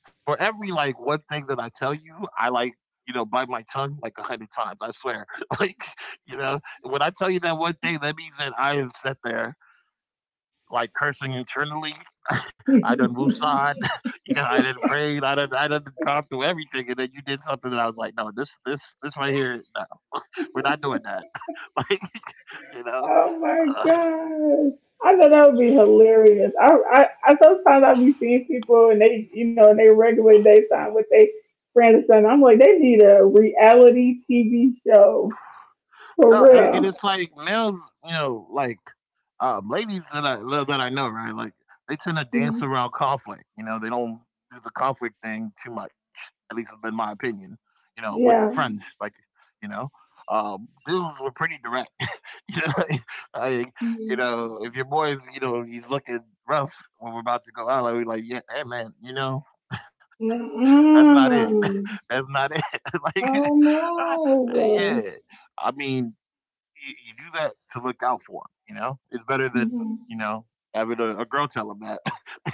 S1: for every like one thing that I tell you, I like you know bite my tongue like a hundred times. I swear, like you know, when I tell you that one thing, that means that I have sat there like cursing internally. I done woosah'd, you know, I done prayed, I done gone through everything, and then you did something that I was like, no, this right here, no, we're not doing that. Like, you know,
S2: Oh my
S1: uh,
S2: gosh. I thought that would be hilarious. I sometimes I'll be seeing people and they, you know, in their regular daytime with their friends and stuff. I'm like, they need a reality TV show for
S1: no, and
S2: real.
S1: it's like males, you know, like ladies that I love that I know, right? Like they tend to
S2: Mhm.
S1: dance around conflict. You know, they don't do the conflict thing too much. At least it's been my opinion. You know, with
S2: Yeah.
S1: friends, like you know, dudes were pretty direct. Yeah, I, you know, if your boy's, you know, he's looking rough when we're about to go out, like we like, yeah, hey man, you know, that's not it.
S2: Mm-mm.
S1: That's not it. Like,
S2: Oh
S1: uh, yeah.
S2: no.
S1: I mean, you do that to look out for him. You know, it's better than you
S2: Mhm.
S1: know having a girl tell him that.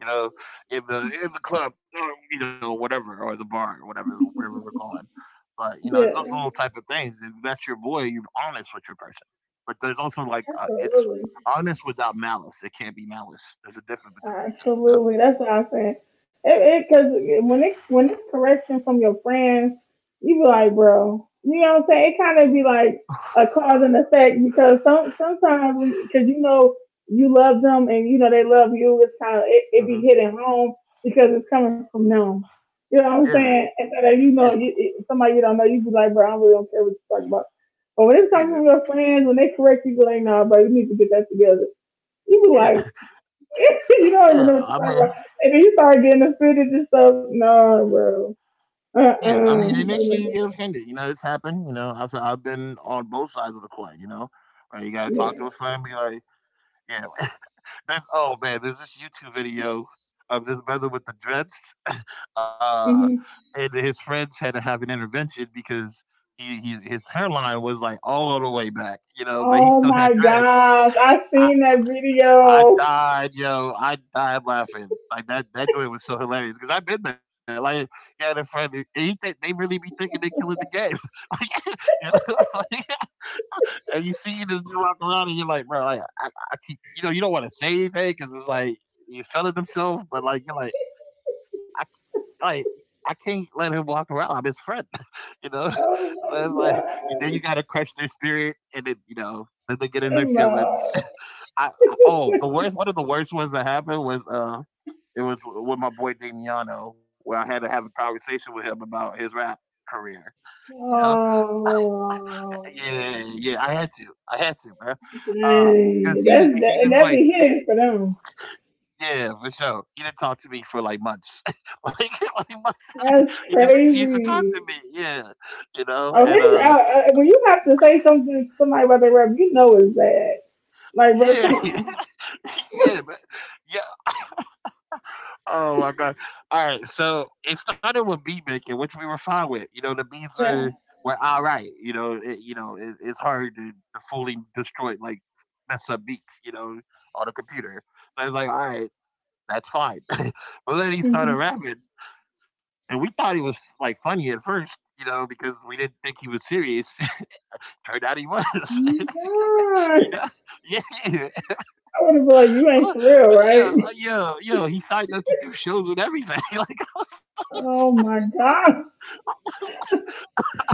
S1: You know, in the club, or, you know, whatever, or the bar, or whatever, wherever we're going. But you know,
S2: Yeah,
S1: it's those little type of things. If that's your boy, you're honest with your person. But there's also like it's
S2: absolutely.
S1: honest without malice. It can't be malice. There's a difference between the two. You know.
S2: Absolutely, that's what I'm saying. It because when it when it's correction from your friends, you be like, bro, you know what I'm saying? It kind of be like a cause and effect, because sometimes because you know you love them and you know they love you. It's kind of it be hitting home because it's coming from them. You know what I'm
S1: Hmm. Yeah.
S2: saying? And so that you
S1: Yeah.
S2: know somebody you don't know, you be like, bro, I really don't care what you talk about. But when it comes
S1: Yeah.
S2: from your friends, when they correct you, be like, nah, bro, you need to get that together. You be like,
S1: Yeah.
S2: you don't even know
S1: Yeah.
S2: what you're talking about. And then you start getting offended and stuff. No, bro.
S1: Yeah, I mean, initially you
S2: Uh-uh.
S1: get offended. You know, it's happened. You know, I've been on both sides of the coin. You know, like you gotta
S2: Yeah.
S1: talk to a friend, be like, yeah, that's, oh man, there's this YouTube video of this brother with the dreads, uh,
S2: hmm
S1: and his friends had to have an intervention because he his hairline was like all the way back. You know, but he
S2: Oh
S1: still
S2: my
S1: had dreads.
S2: gosh. I seen that
S1: I
S2: video.
S1: died, yo. I died laughing. Like that, that joint was so hilarious because I've been there. Like, yeah, the friend, and he think they really be thinking they killing the game. like, you know, like, and you see this dude walk around, and you're like, bro, you don't want to say anything because it's like he's feeling himself, but like, you are like I, like, I, c- like. I can't let him walk around. I'm his friend, you know.
S2: Oh
S1: So
S2: my
S1: it's like then
S2: gosh.
S1: you gotta crush their spirit, and then you know, let them get in their feelings.
S2: No.
S1: I oh the worst one of the worst ones that happened was it was with my boy Damiano, where I had to have a conversation with him about his rap career. You know,
S2: Oh.
S1: yeah, yeah, I had to, bro, uh, because he
S2: Dang.
S1: was he was
S2: And
S1: like.
S2: that be hitting for them.
S1: Yeah, for sure. He didn't talk to me for like months. like, like months.
S2: That's
S1: He just refused to talk
S2: crazy.
S1: to me. Yeah, you know,
S2: Oh,
S1: and
S2: his, when you have to say something to somebody about their rep, you know it's bad. Like, bro,
S1: yeah,
S2: come on.
S1: yeah, but yeah, oh my god! All right, so it started with beat making, which we were fine with. You know, the beats
S2: Yeah.
S1: are were all right. It's hard to fully destroy like mess up beats. You know, on a computer. So it's like, all right, that's fine. But then he started
S2: Mm-hmm.
S1: rapping, and we thought he was like funny at first. You know, because we didn't think he was serious. Turned out he was. You
S2: God.
S1: know, yeah,
S2: I would have been like, you ain't for real,
S1: yeah,
S2: right?
S1: yeah, yeah. He signed up to do shows and everything. Like
S2: Oh my God.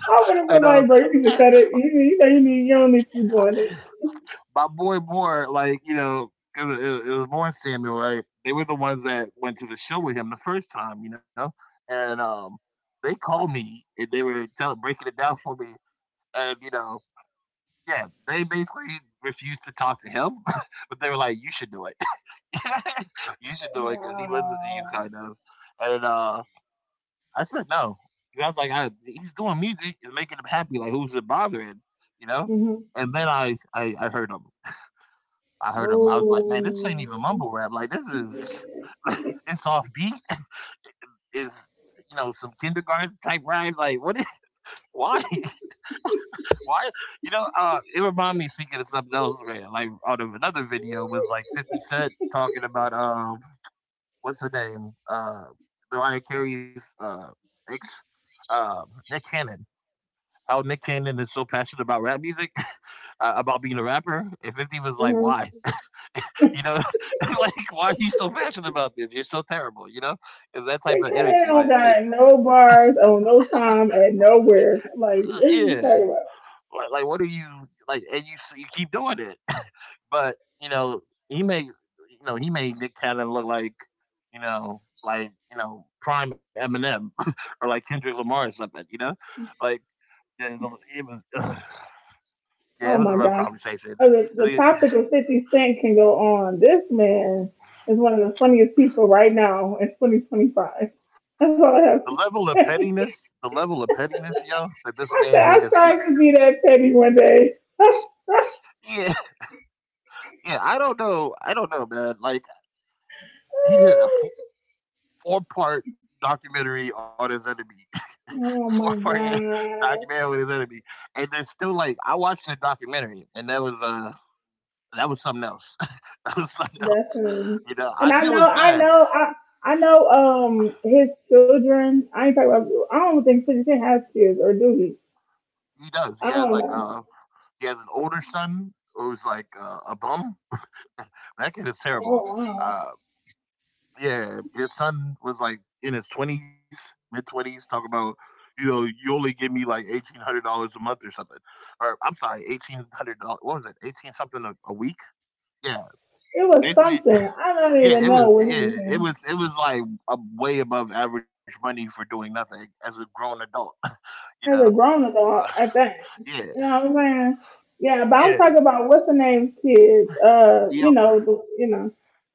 S2: I would
S1: I
S2: have been
S1: know.
S2: like, bro, you need to cut it. You know, you don't need to be doing this.
S1: My boy Moore, like, you know, 'cause it was Moore and Samuel, right? They were the ones that went to the show with him the first time, you know? And They called me and they were telling, breaking it down for me. And, you know, yeah, they basically refused to talk to him, but they were like, you should do it. You should do it because he listens to you,
S2: Wow.
S1: kind of. And, uh, I said no. 'Cause I was like, he's doing music, it's making him happy. Like, who's it bothering? You know?
S2: Mm-hmm.
S1: And then I heard him. I heard him. I was like, man, this ain't
S2: Oh.
S1: even mumble rap. Like, this is,
S2: Yeah.
S1: it's off beat. It's, you know, some kindergarten type rhymes. Like, what is, why? Why? You know, it reminded me, speaking of something else, man, like, out of another video was like 50 Cent talking about, what's her name? Mariah Carey's, ex, uh, Nick Cannon. How Nick Cannon is so passionate about rap music, about being a rapper. And 50 was like, why?
S2: Mm-hmm.
S1: You know, like, why are you so passionate about this? You're so terrible, you know? It's that
S2: They
S1: type of
S2: can't
S1: energy.
S2: on
S1: Like,
S2: got no bars on no time at nowhere. Like, what is
S1: yeah.
S2: he talking about?
S1: Like what are you, like, and you keep doing it. But, you know, he made Nick Cannon look like, you know, prime Eminem, or like Kendrick Lamar or something, you know? Like, yeah, it was, uh,
S2: Oh
S1: yeah, it
S2: my
S1: was a
S2: God.
S1: rough
S2: I
S1: conversation.
S2: mean, the
S1: 'Cause he,
S2: topic of 50 Cent can go on. This man is one of the funniest people right now in 2025. That's all I have
S1: the
S2: to
S1: level of
S2: say.
S1: pettiness, the level of pettiness, yo, that this
S2: I said,
S1: man
S2: I
S1: has
S2: strive
S1: reached.
S2: to be that petty one day.
S1: Yeah, yeah, I don't know, man, like, he did a f- four-part documentary on his enemy,
S2: oh my
S1: four-part documentary
S2: God.
S1: on his enemy, and then still, like, I watched the documentary, and that was something else. That was something
S2: That's
S1: else, you know, I
S2: And I
S1: knew it
S2: know,
S1: was
S2: I
S1: bad.
S2: know, I. I know his children. I ain't talking about. I don't think 50 Cent has kids, or do he?
S1: He does, he
S2: I
S1: has,
S2: don't
S1: like,
S2: know.
S1: he has an older son who's, like, a bum. That kid is
S2: Oh
S1: terrible.
S2: wow,
S1: Uh Yeah, his son was, like, in his 20s, mid-20s, talking about, you know, "You only give me, like, $1,800 a month or something." Or I'm sorry, $1,800, what was it? 18 something a week? Yeah,
S2: it was
S1: basically,
S2: something. I don't
S1: yeah,
S2: even know what he was
S1: it
S2: saying.
S1: was, like, a way above average money for doing nothing as a grown adult, you know?
S2: As a grown
S1: Uh,
S2: adult, at that,
S1: yeah,
S2: you know what I'm saying? Yeah, but
S1: yeah,
S2: I'm talking about what's the name's kids. You
S1: yep.
S2: know, you know.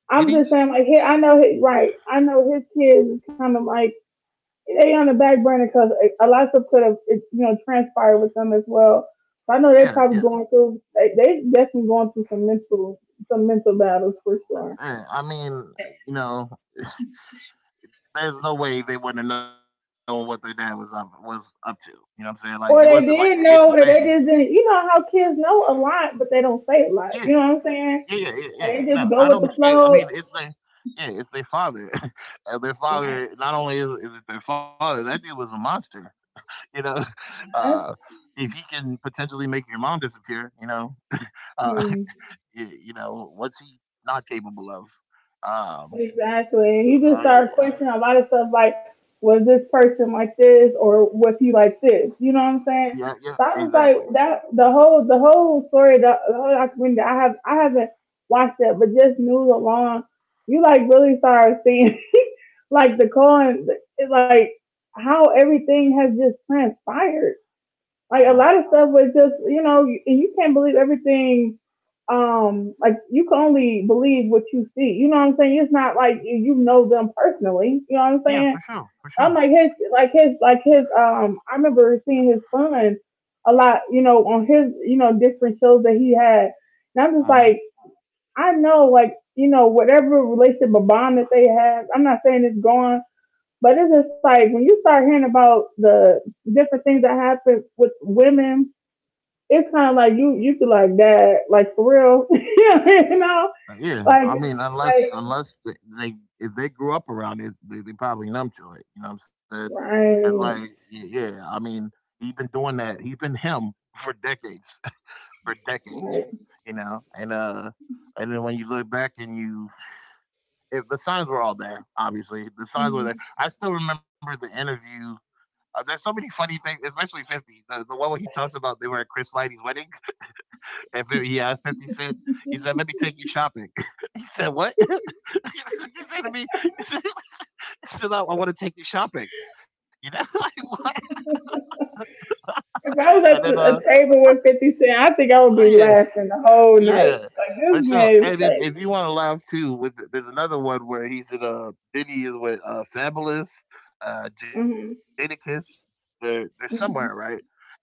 S2: I'm just
S1: Diddy's?
S2: saying, like, I know his right. I know his kids is kind of like they on the back burner because a lot of stuff could have, you know, transpired with them as well. So I know
S1: Yeah,
S2: they're
S1: yeah,
S2: probably going through. They definitely going through some mental battles for sure.
S1: yeah, I mean, you know, there's no way they wouldn't have known what their dad was up to. You know what I'm saying? Like it wasn't like
S2: Or
S1: a
S2: they
S1: hidden
S2: didn't
S1: thing.
S2: know, or they just didn't. You know how kids know a lot, but they don't say a
S1: Yeah,
S2: lot. You know what I'm
S1: yeah, yeah,
S2: saying?
S1: yeah. Yeah. Yeah.
S2: And
S1: No,
S2: they
S1: I
S2: just
S1: don't
S2: go with the
S1: expect. I mean,
S2: flow.
S1: it's their yeah, it's their father. And their father,
S2: Like,
S1: not only is it their father, that dude was a monster. You know, uh,
S2: that's,
S1: if he can potentially make your mom disappear, you know, uh,
S2: hmm,
S1: you know what's he not capable of? Um,
S2: exactly. He just started
S1: I,
S2: questioning a lot of stuff like, was this person like this or was he like this? You know what I'm
S1: yeah,
S2: saying?
S1: yeah,
S2: So I was
S1: exactly.
S2: like, that the whole story, the whole documentary. I haven't watched that, but just news alone, you like really started seeing like it's like how everything has just transpired.
S1: Uh
S2: Like
S1: huh.
S2: a lot of stuff was just, you know, you can't believe everything. Like you can only believe what you see. You know what I'm saying? It's not like you know them personally. You know what I'm
S1: Yeah,
S2: saying?
S1: for sure, for
S2: I'm like
S1: sure.
S2: his. I remember seeing his son a lot. You know, on his, you know, different shows that he had. And I'm
S1: Uh
S2: just
S1: huh.
S2: like, I know, like, you know, whatever relationship or bond that they have. I'm not saying it's gone, but it's just like when you start hearing about the different things that happen with women, it's kind of like you feel like that, like for real, you know,
S1: Yeah,
S2: like
S1: I mean, unless
S2: like
S1: unless they, they if they grew up around it, they probably numb to it. You know what I'm saying? It's like,
S2: right,
S1: yeah, I mean, he's been doing that. He's been him For decades, for decades.
S2: right.
S1: You know, and then when you look back and you, if the signs were all there, obviously the signs were there. I still remember the interview. There's so many funny things, especially 50. The one where he talks about they were at Chris Lighty's wedding. And he asked if he said, he said, let me take you shopping. He said, what? He said to me, he said, I want to take you shopping. You know, like what?
S2: If I was
S1: And
S2: at
S1: then,
S2: the, a table with 50 Cent, I think I would
S1: oh,
S2: be
S1: yeah,
S2: laughing the whole night.
S1: yeah.
S2: Like this
S1: But so,
S2: man is
S1: and then if you
S2: crazy.
S1: want to laugh too, with there's another one where he's in a Diddy is with Fabulous,
S2: Mm-hmm.
S1: Jadakiss. They're somewhere, right?
S2: Mm-hmm.
S1: And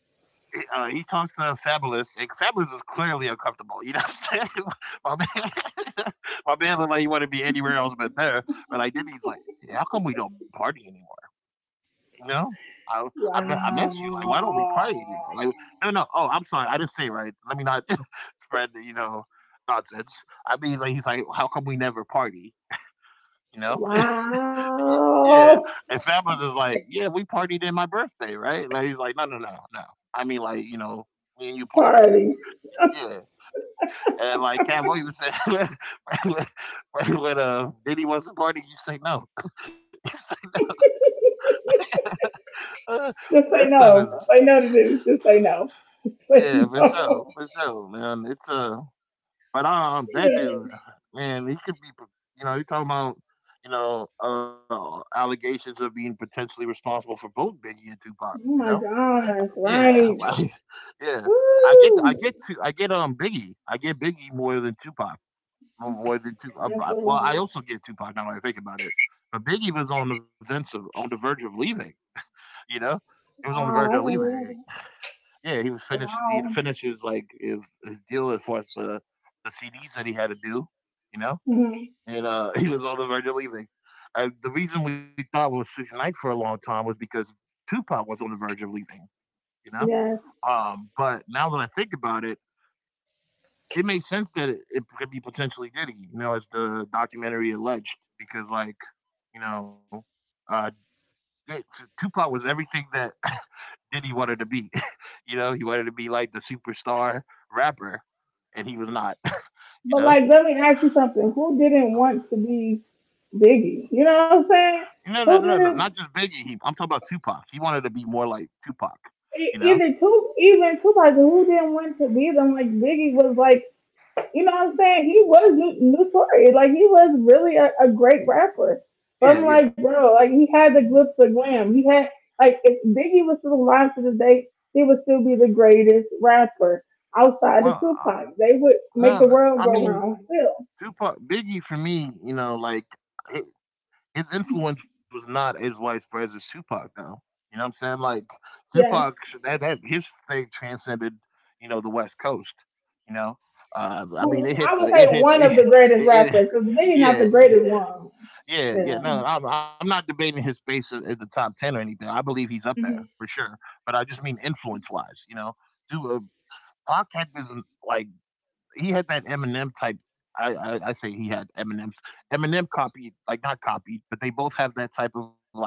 S1: he talks to Fabulous, and Fabulous is clearly uncomfortable. You know what I'm saying? My man, my man looked like he wanted to be anywhere else but there. But like then he's like, yeah, how come we don't party anymore? You know? I I miss you. Like, why don't we
S2: Wow,
S1: party anymore? Like, no, no. Oh, I'm sorry. I didn't say it right. Let me not spread, you know, nonsense. I mean, like, he's like, how come we never party? You know? Yeah. And
S2: wow,
S1: Fabulous is like, yeah, we partied in my birthday, right? Like, he's like, no, no, no, no. I mean, like, you know, me and you partied.
S2: party.
S1: Yeah, and like Cowboy was saying, when, when Diddy wants a party, you say no. You say, uh,
S2: Just
S1: that
S2: say
S1: stuff
S2: no.
S1: is
S2: Say no to this. Just say no. Say
S1: yeah,
S2: no.
S1: for sure, man. It's but that dude, man, he could be, you know, he talking about, you know, allegations of being potentially responsible for both Biggie and Tupac. You
S2: Oh
S1: know,
S2: my gosh,
S1: yeah,
S2: right.
S1: like, yeah.
S2: Woo!
S1: I get Biggie, I get Biggie more than Tupac. More than two
S2: Yes,
S1: well,
S2: Lord.
S1: I also get Tupac now when I think about it, but Biggie was on the vence of on the verge of leaving, you know? He was on the verge
S2: Wow,
S1: of
S2: I really love
S1: leaving.
S2: it.
S1: Yeah, he had to
S2: Wow.
S1: finish his, like, his deal as far as the CDs that he had to do, you know?
S2: Mhm.
S1: And, he was on the verge of leaving. And the reason we thought it was Suge Knight for a long time was because Tupac was on the verge of leaving, you know?
S2: Yes.
S1: But now that I think about it, it makes sense that it could be potentially Diddy, you know, as the documentary alleged, because like, you know, uh, Tupac was everything that Diddy wanted to be. You know, he wanted to be like the superstar rapper, and he was not. You
S2: But
S1: know,
S2: like let me ask you something. Who didn't want to be Biggie? You know what I'm saying?
S1: no, no,
S2: Who
S1: no, no, not
S2: didn't
S1: just Biggie. He, I'm talking about Tupac. He wanted to be more like Tupac. You
S2: e-
S1: know,
S2: either two even two people who didn't want to be them, like Biggie was like, you know what I'm saying? He was new, new Tory. Like, he was really a great rapper. But I'm
S1: yeah,
S2: like,
S1: yeah.
S2: bro, like, he had the glimpse of glam. He had, like, if Biggie was still alive to this day, he would still be the greatest rapper outside
S1: Well,
S2: of Tupac. They would make
S1: no,
S2: the
S1: no, I
S2: world go
S1: mean
S2: round still.
S1: Tupac, Biggie for me, you know, like his influence was not as widespread as Tupac though. You know what I'm saying? Like Tupac,
S2: Yeah.
S1: that his thing transcended, you know, the West Coast, you know. I mean
S2: Well, I would
S1: it
S2: say
S1: hit
S2: one of the greatest
S1: it
S2: rappers, because Biggie not the
S1: yeah,
S2: greatest one.
S1: yeah, yeah.
S2: Yeah.
S1: No, I'm not debating his space at the top ten or anything. I believe he's up there
S2: hmm
S1: for sure, but I just mean influence wise. You know, dude, Pac had this like he had that Eminem type. I say he had Eminem's Eminem copied, like not copied, but they both have that type of like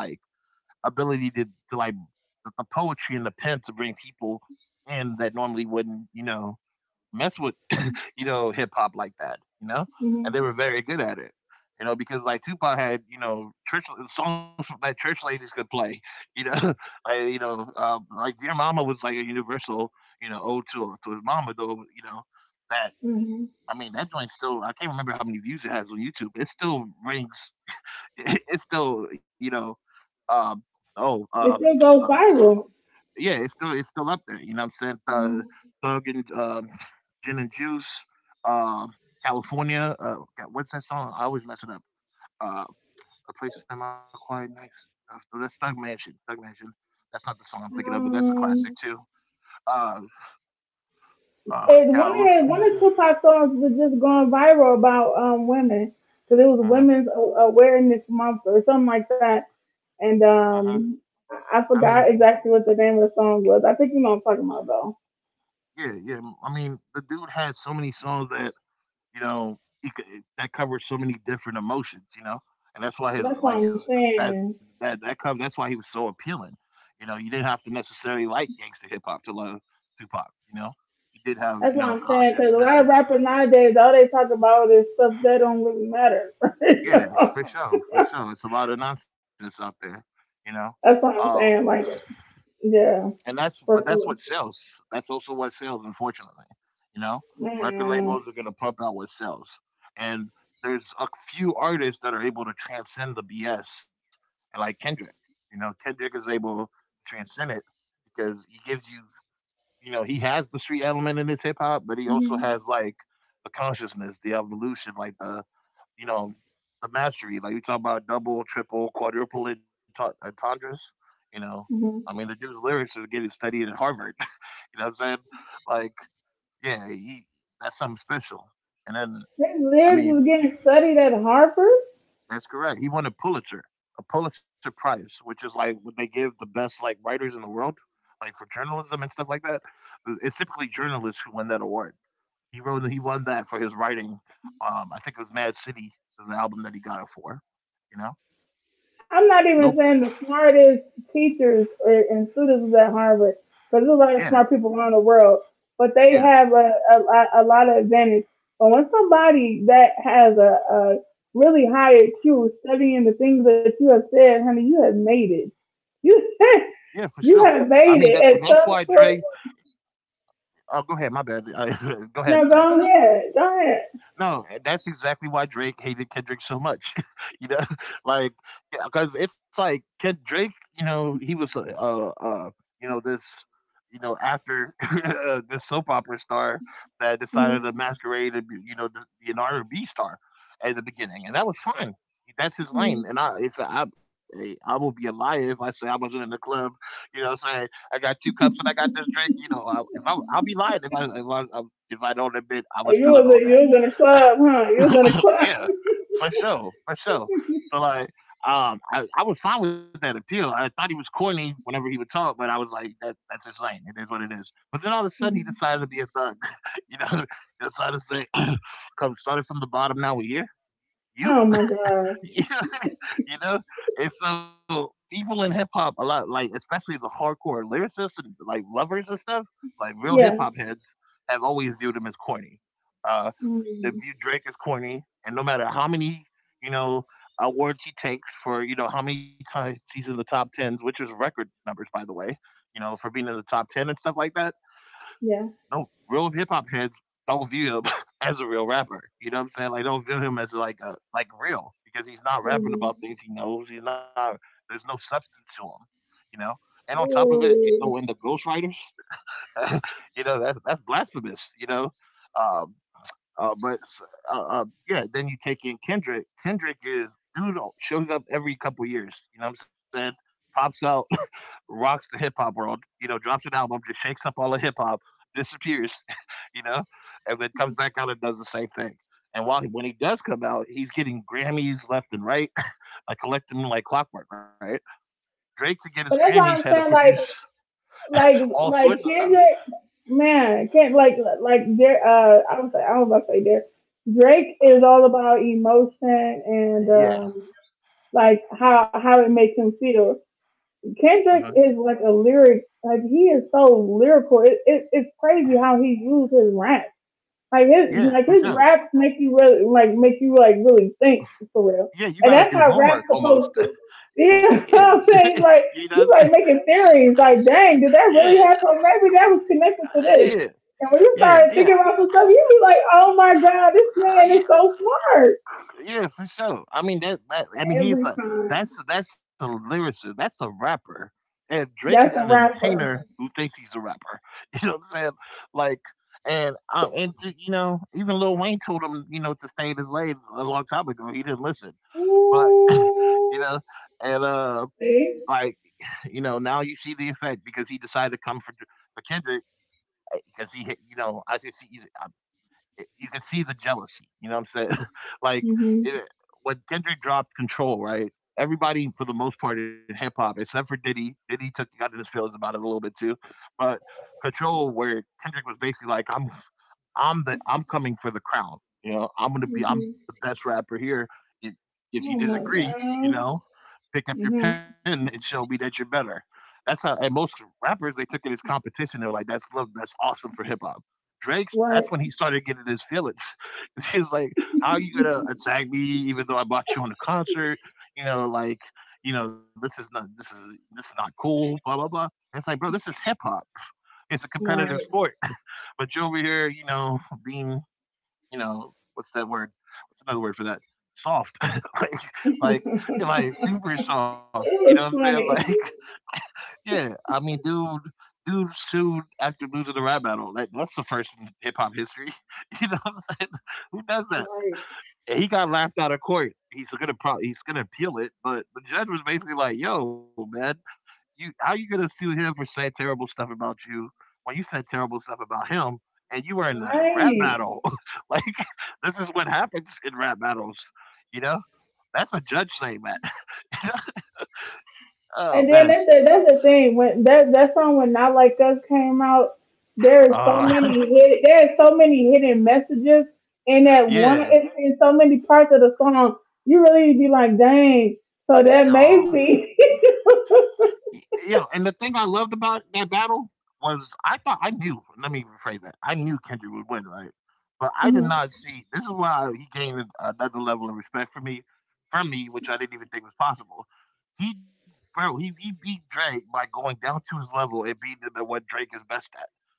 S1: ability to like the poetry and the pen to bring people in that normally wouldn't, you know, mess with, you know, hip hop like that, you know? And
S2: hmm
S1: they were very good at it. You know, because like Tupac had, you know, church songs that church ladies could play, you know, like, you know, like Dear Mama was like a universal, you know, ode to his mama though, you know, that
S2: hmm
S1: I mean, that joint still I can't remember how many views it has on YouTube. It still rings it still, you know, um oh, um
S2: It still
S1: um,
S2: goes viral.
S1: yeah, it's still up there, you know what I'm saying?
S2: hmm
S1: Thug and Gin and Juice, um California, God, what's that song? I always mess it up. Uh A Place to Spend My Quiet Nights. That's Thug Mansion. Thug Mansion. That's not the song I'm thinking of, but that's a classic
S2: Um,
S1: too. Uh
S2: and one of the, one
S1: California.
S2: of Tupac's songs was just going viral about women because it was
S1: Uh-huh.
S2: Women's A- Awareness Month or something like that. And
S1: Uh-huh. I
S2: I forgot
S1: mean,
S2: exactly what the name of the song was. I think you know what I'm talking about though.
S1: Yeah, yeah. I mean, the dude had so many songs that you know that covered so many different emotions, you know, and that's why his
S2: That's what
S1: like
S2: I'm
S1: his that
S2: saying.
S1: that that cover that's why he was so appealing. You know, you didn't have to necessarily like gangster hip hop to love Tupac. You know, you did have
S2: That's
S1: you
S2: what
S1: know
S2: I'm saying because
S1: conscious
S2: a lot of
S1: messages.
S2: rappers nowadays all they talk about is stuff that don't really matter. You
S1: Yeah,
S2: know?
S1: for sure, for sure. It's a lot of nonsense out there. You know,
S2: That's what I'm
S1: um,
S2: saying. Like, yeah,
S1: And that's but
S2: for
S1: that's what
S2: sure.
S1: sells. That's also what sells, unfortunately. You know, record
S2: Man.
S1: labels are gonna pump out what sells, and there's a few artists that are able to transcend the BS, and like Kendrick. You know, Kendrick is able to transcend it because he gives you, you know, he has the street element in his hip hop, but he also
S2: Hmm.
S1: has like the consciousness, the evolution, like the you know, the mastery. Like we talk about double, triple, quadruple entendres. You know, I
S2: Hmm.
S1: mean, the dude's lyrics are getting studied at Harvard. you know what I'm saying? Like, yeah, he that's something special. And then,
S2: His
S1: I
S2: lyrics
S1: mean,
S2: was getting studied at Harvard.
S1: that's correct. He won a Pulitzer Prize, which is like what they give the best like writers in the world, like for journalism and stuff like that. It's typically journalists who win that award. He won that for his writing. I think it was Mad City, the album that he got it for. You know,
S2: I'm not
S1: no,
S2: even saying the smartest teachers or and students is at Harvard because there's a lot of
S1: yeah,
S2: smart people around the world, but they
S1: yeah,
S2: have a lot of advantage. But when somebody that has a really high IQ studying the things that you have said, honey, you have made it. You
S1: yeah, for sure.
S2: you
S1: I mean
S2: have
S1: that, and
S2: made it
S1: that's why
S2: at some
S1: Dre.
S2: sort.
S1: Oh, go ahead. My bad. go ahead. Go
S2: Now
S1: ahead.
S2: go ahead, go ahead.
S1: No, and that's exactly why Drake hated Kendrick so much. you know, like because it's like Ken, Drake. You know, he was you know this you know after this soap opera star that decided
S2: Mm-hmm.
S1: to masquerade and be, you know to be an R and B star at the beginning, and that was fine. That's his lane, and I it's I will be a liar if I say I wasn't in the club. You know, what I'm saying I got two cups and I got this drink. You know, I'll be lying if I don't admit I was
S2: You was
S1: feeling all
S2: you
S1: that.
S2: was in a club, huh? You was in a club.
S1: yeah, for sure, for sure. So like, I was fine with that appeal. I thought he was corny whenever he would talk, but I was like, that's his lane. It is what it is. But then all of a sudden, he decided to be a thug. you know, he decided to say, "Come, started from the bottom. Now we're here." You,
S2: Oh my God.
S1: yeah, you know, and so people in hip hop a lot, like especially the hardcore lyricists and like lovers and stuff, like real hip
S2: Yeah.
S1: hop heads have always viewed him as corny. Uh, that
S2: Mhm.
S1: view Drake as corny, and no matter how many, you know, awards he takes for, you know, how many times he's in the top tens, which is record numbers, by the way, you know, for being in the top ten and stuff like that.
S2: Yeah.
S1: No real hip hop heads don't view him as a real rapper. You know what I'm saying? Like don't view him as like a like real because he's not rapping about
S2: Mhm.
S1: things he knows. He's not there's no substance to him, you know. And on top of it, you throw in
S2: Ooh.
S1: the ghostwriters. you know, that's blasphemous, you know. Um, uh, but s- yeah, then you take in Kendrick. Kendrick is shows up every couple years. You know what I'm saying? Pops out, rocks the hip hop world. You know, drops an album, just shakes up all the hip hop, disappears. You know, and then comes back out and does the same thing. And while when he does come out, he's getting Grammys left and right. I collect them like clockwork, right? Drake to get his
S2: But that's
S1: Grammys had
S2: why
S1: to
S2: I'm saying,
S1: produce
S2: like
S1: all sorts of
S2: like
S1: stuff.
S2: Kendrick, man, can't, like there, I don't about to say there. Drake is all about emotion, and
S1: Yeah,
S2: like how it makes him feel.
S1: mhm.
S2: Kendrick is like a lyric, like he is so lyrical. It's crazy how he used his rap. Like his
S1: Yeah, for
S2: like
S1: sure.
S2: his raps make you really like make you like really think for real.
S1: Yeah, you
S2: And
S1: got to
S2: that's
S1: do
S2: how rap's
S1: homework almost.
S2: supposed to, you know,
S1: Yeah,
S2: what I'm
S1: yeah,
S2: saying? Like
S1: you know, what I'm
S2: you
S1: saying?
S2: like making theories, like, dang, did that
S1: yeah,
S2: really happen? Maybe that was connected to this.
S1: yeah,
S2: And when you
S1: yeah,
S2: start
S1: yeah,
S2: thinking about some stuff, you be like, oh my God, this man is
S1: yeah,
S2: so smart
S1: yeah, for sure. I mean that, that I mean he's
S2: every
S1: a
S2: time.
S1: that's a lyricist, that's a rapper, and Drake is an
S2: That's a
S1: entertainer
S2: rapper.
S1: who thinks he's a rapper. You know what I'm saying? Like, and to, you know, even Lil Wayne told him, you know, to stay in his lane a long time ago. He didn't listen, but you
S2: Ooh.
S1: know, and
S2: See?
S1: like, you know, now you see the effect because he decided to come for Kendrick because he, you know, I can see, you can see the jealousy. You know what I'm saying? like
S2: Mhm.
S1: it, when Kendrick dropped Control, right? Everybody, for the most part, in hip hop, except for Diddy, Diddy took got in his feelings about it a little bit too, but Control, where Kendrick was basically like, I'm the I'm coming for the crown. You know, I'm gonna be I'm
S2: Mhm.
S1: the best rapper here. If if you
S2: Oh my
S1: disagree, you
S2: God.
S1: know, pick up your
S2: Mhm.
S1: pen and show me that you're better. That's how and most rappers they took it as competition. They were like, that's love, that's awesome for hip hop. Drake's that's
S2: Right.
S1: when he started getting his feelings. He's like, how are you gonna attack me even though I bought you on the concert? You know, like, you know, this is not this is not cool, blah blah blah. And it's like, bro, this is hip hop. It's a competitive
S2: Right.
S1: sport. But you're over here, you know, being, you know, what's that word? What's another word for that? Soft, like, like super soft. You know
S2: It
S1: what I'm
S2: was
S1: saying? Like,
S2: funny.
S1: yeah. I mean, dude, dude sued after losing the rap battle. Like, that's the first in hip hop history. You know what I'm saying? Who does that?
S2: Right.
S1: And he got laughed out of court. He's gonna appeal it, but the judge was basically like, "Yo, man, you how you gonna sue him for saying terrible stuff about you when you said terrible stuff about him and you were in a rap
S2: Right.
S1: battle? like this is what happens in rap battles, you know? That's a judge saying that. oh
S2: And
S1: man.
S2: then that's the thing. When that song, when Not Like Us came out,
S1: Uh,
S2: there are so many hidden messages in that one,
S1: yeah.
S2: it's in so many parts of the song. You really be like, dang, so that
S1: Oh.
S2: maybe.
S1: Y yeah, and the thing I loved about that battle was I thought I knew let me rephrase that, I knew Kendrick would win, right? But I did
S2: Hmm.
S1: not see this is why he gained another level of respect for me from me, which I didn't even think was possible. He bro, he beat Drake by going down to his level and beating him at what Drake is best at,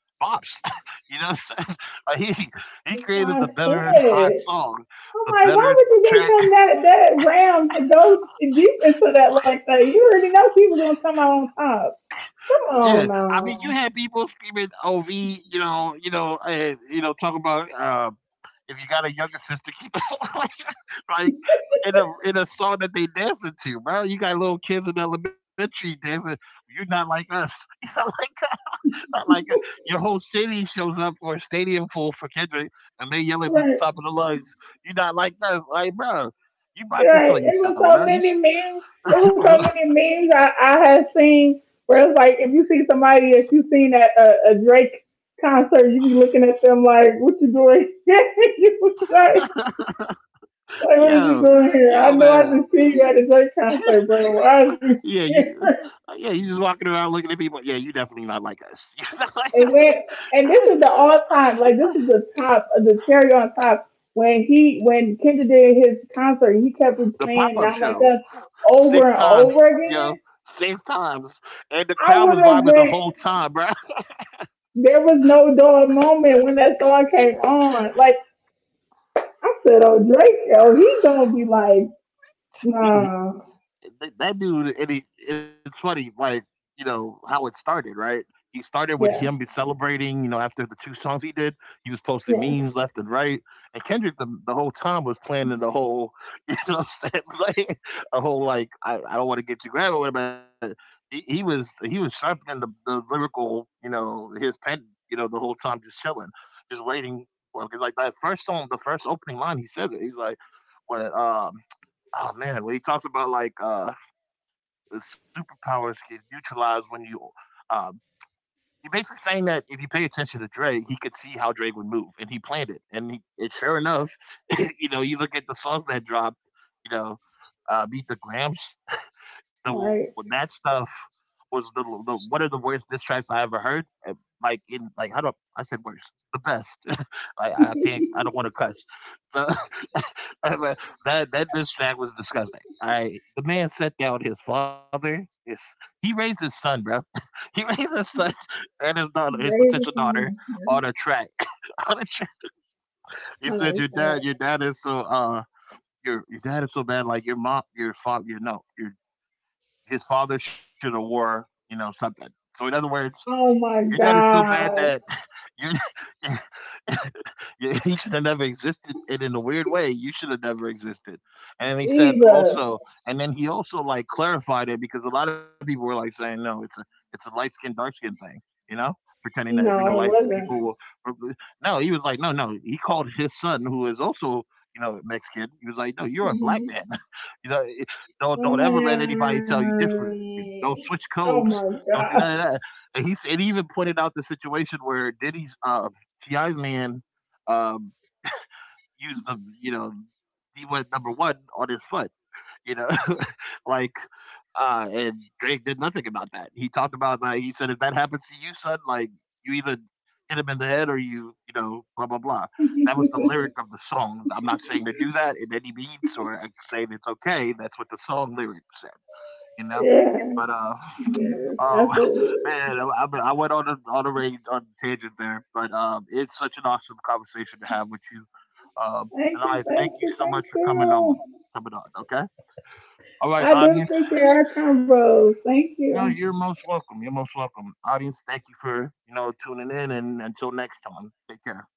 S1: bops. You know what I'm saying? Like, he created
S2: Why I
S1: the better hot
S2: said.
S1: song,
S2: I'm
S1: the
S2: like, why
S1: better
S2: would you give
S1: track.
S2: him that round to go deep into that like that? You already know people gonna come out on top. Come
S1: Yeah,
S2: on
S1: I mean, you had
S2: now.
S1: people screaming "OV," you know, and you know, talking about if you got a younger sister, keep like, like in a song that they dancing to, bro. You got little kids in elementary dancing. You're not like us. You're not like us. Not like us." Your whole city shows up for a stadium full for Kendrick, and they yelling at the
S2: Right.
S1: top of the lungs. You're not like us, like bro. You bought this
S2: Right.
S1: on
S2: It was
S1: yourself, bro.
S2: so
S1: You,
S2: many memes. It was so
S1: s-
S2: many memes I had seen where it's like if you seen at a Drake concert, you be looking at them like, what you doing? you was
S1: yo,
S2: like what is you
S1: yo,
S2: doing here? I
S1: man.
S2: know I just see you at a Drake concert, bro. Why is
S1: Yeah,
S2: you
S1: you
S2: here?
S1: yeah, you just walking around looking at people. Yeah, you definitely not like us. Like,
S2: And when and this is the all time, like this is the top of the cherry on top. When Kendra did his concert, he kept
S1: the
S2: replaying
S1: pop-up
S2: not like
S1: show,
S2: us over
S1: six
S2: and
S1: times,
S2: over
S1: yo.
S2: again.
S1: Six times. And the crowd was
S2: I would
S1: vibing the
S2: have
S1: whole
S2: went.
S1: time, bro.
S2: There was no dull moment when that song
S1: Yeah.
S2: came on. Like I said, oh Drake, oh he gonna be like,
S1: he,
S2: nah,
S1: That dude, and he, it's funny, like you know how it started, right? He started with him be
S2: yeah,
S1: celebrating, you know, after the two songs he did, he was posting
S2: yeah,
S1: memes left and right, and Kendrick the whole time was planning the whole, you know, what I'm saying, like a whole like I don't want to get you grabbed or whatever. But he was sharpening the lyrical, you know, his pen, you know, the whole time just chilling, just waiting for him. Because like that first song, the first opening line, he says it. He's like, when oh man, when he talks about like superpowers can neutralize when you. Um, you're basically saying that if you pay attention to Dre, he could see how Drake would move, and he planned it. And, he, and sure enough, you know, you look at the songs that dropped, you know, Meet the Grams, so
S2: like
S1: that stuff was the one of the worst diss tracks I ever heard. And like in like I said worst. The best. I can I don't want to cuss. So I was- that that diss track was disgusting. I the man set down his father. His he raised his son, bro. He raised his son and his daughter, his
S2: raise
S1: potential
S2: the
S1: daughter,
S2: song.
S1: on
S2: Yeah.
S1: a track. on a track. He
S2: Oh, no,
S1: said, your
S2: right.
S1: dad is so your dad is so bad. Like your mom, your father, your no, your his father should have wore, you know, something. So in other words,
S2: Oh
S1: your
S2: my
S1: dad is so bad that
S2: God,
S1: you, you he should have never existed, and in a weird way, you should have never existed. And he said
S2: Jesus!
S1: also, and then he also like clarified it because a lot of people were like saying, no, it's a light skin, dark skin thing, you know, pretending that you know
S2: No, it
S1: light
S2: wasn't.
S1: people will. No, he was like, no, no. He called his son, who is also you know Mexican. He was like, no, you're a black
S2: Hmm.
S1: man. you know,
S2: Oh
S1: don't ever let
S2: my
S1: anybody tell you different. Don't switch codes.
S2: oh my
S1: Don't do none of
S2: God.
S1: that. And he said he even pointed out the situation where Diddy's Ti's man um, used the you know he went number one on his foot, you know, like and Drake did nothing about that. He talked about like he said if that happens to you, son, like you either hit him in the head or you know blah blah blah. That was the lyric of the song. I'm not saying to do that in any means or saying it's okay. That's what the song lyric said, you know.
S2: Yeah,
S1: But
S2: yes,
S1: oh man,
S2: absolutely.
S1: I went on a range on a tangent there, but it's such an awesome conversation to have with you.
S2: Thank
S1: And
S2: you,
S1: I thank
S2: thank
S1: you
S2: you,
S1: so
S2: thank
S1: much for coming on,
S2: you.
S1: coming on. Okay, all right,
S2: I do
S1: audience.
S2: appreciate our combos. Thank
S1: No,
S2: you.
S1: you're most welcome. You're most welcome, audience. Thank you for you know tuning in, and until next time, take care.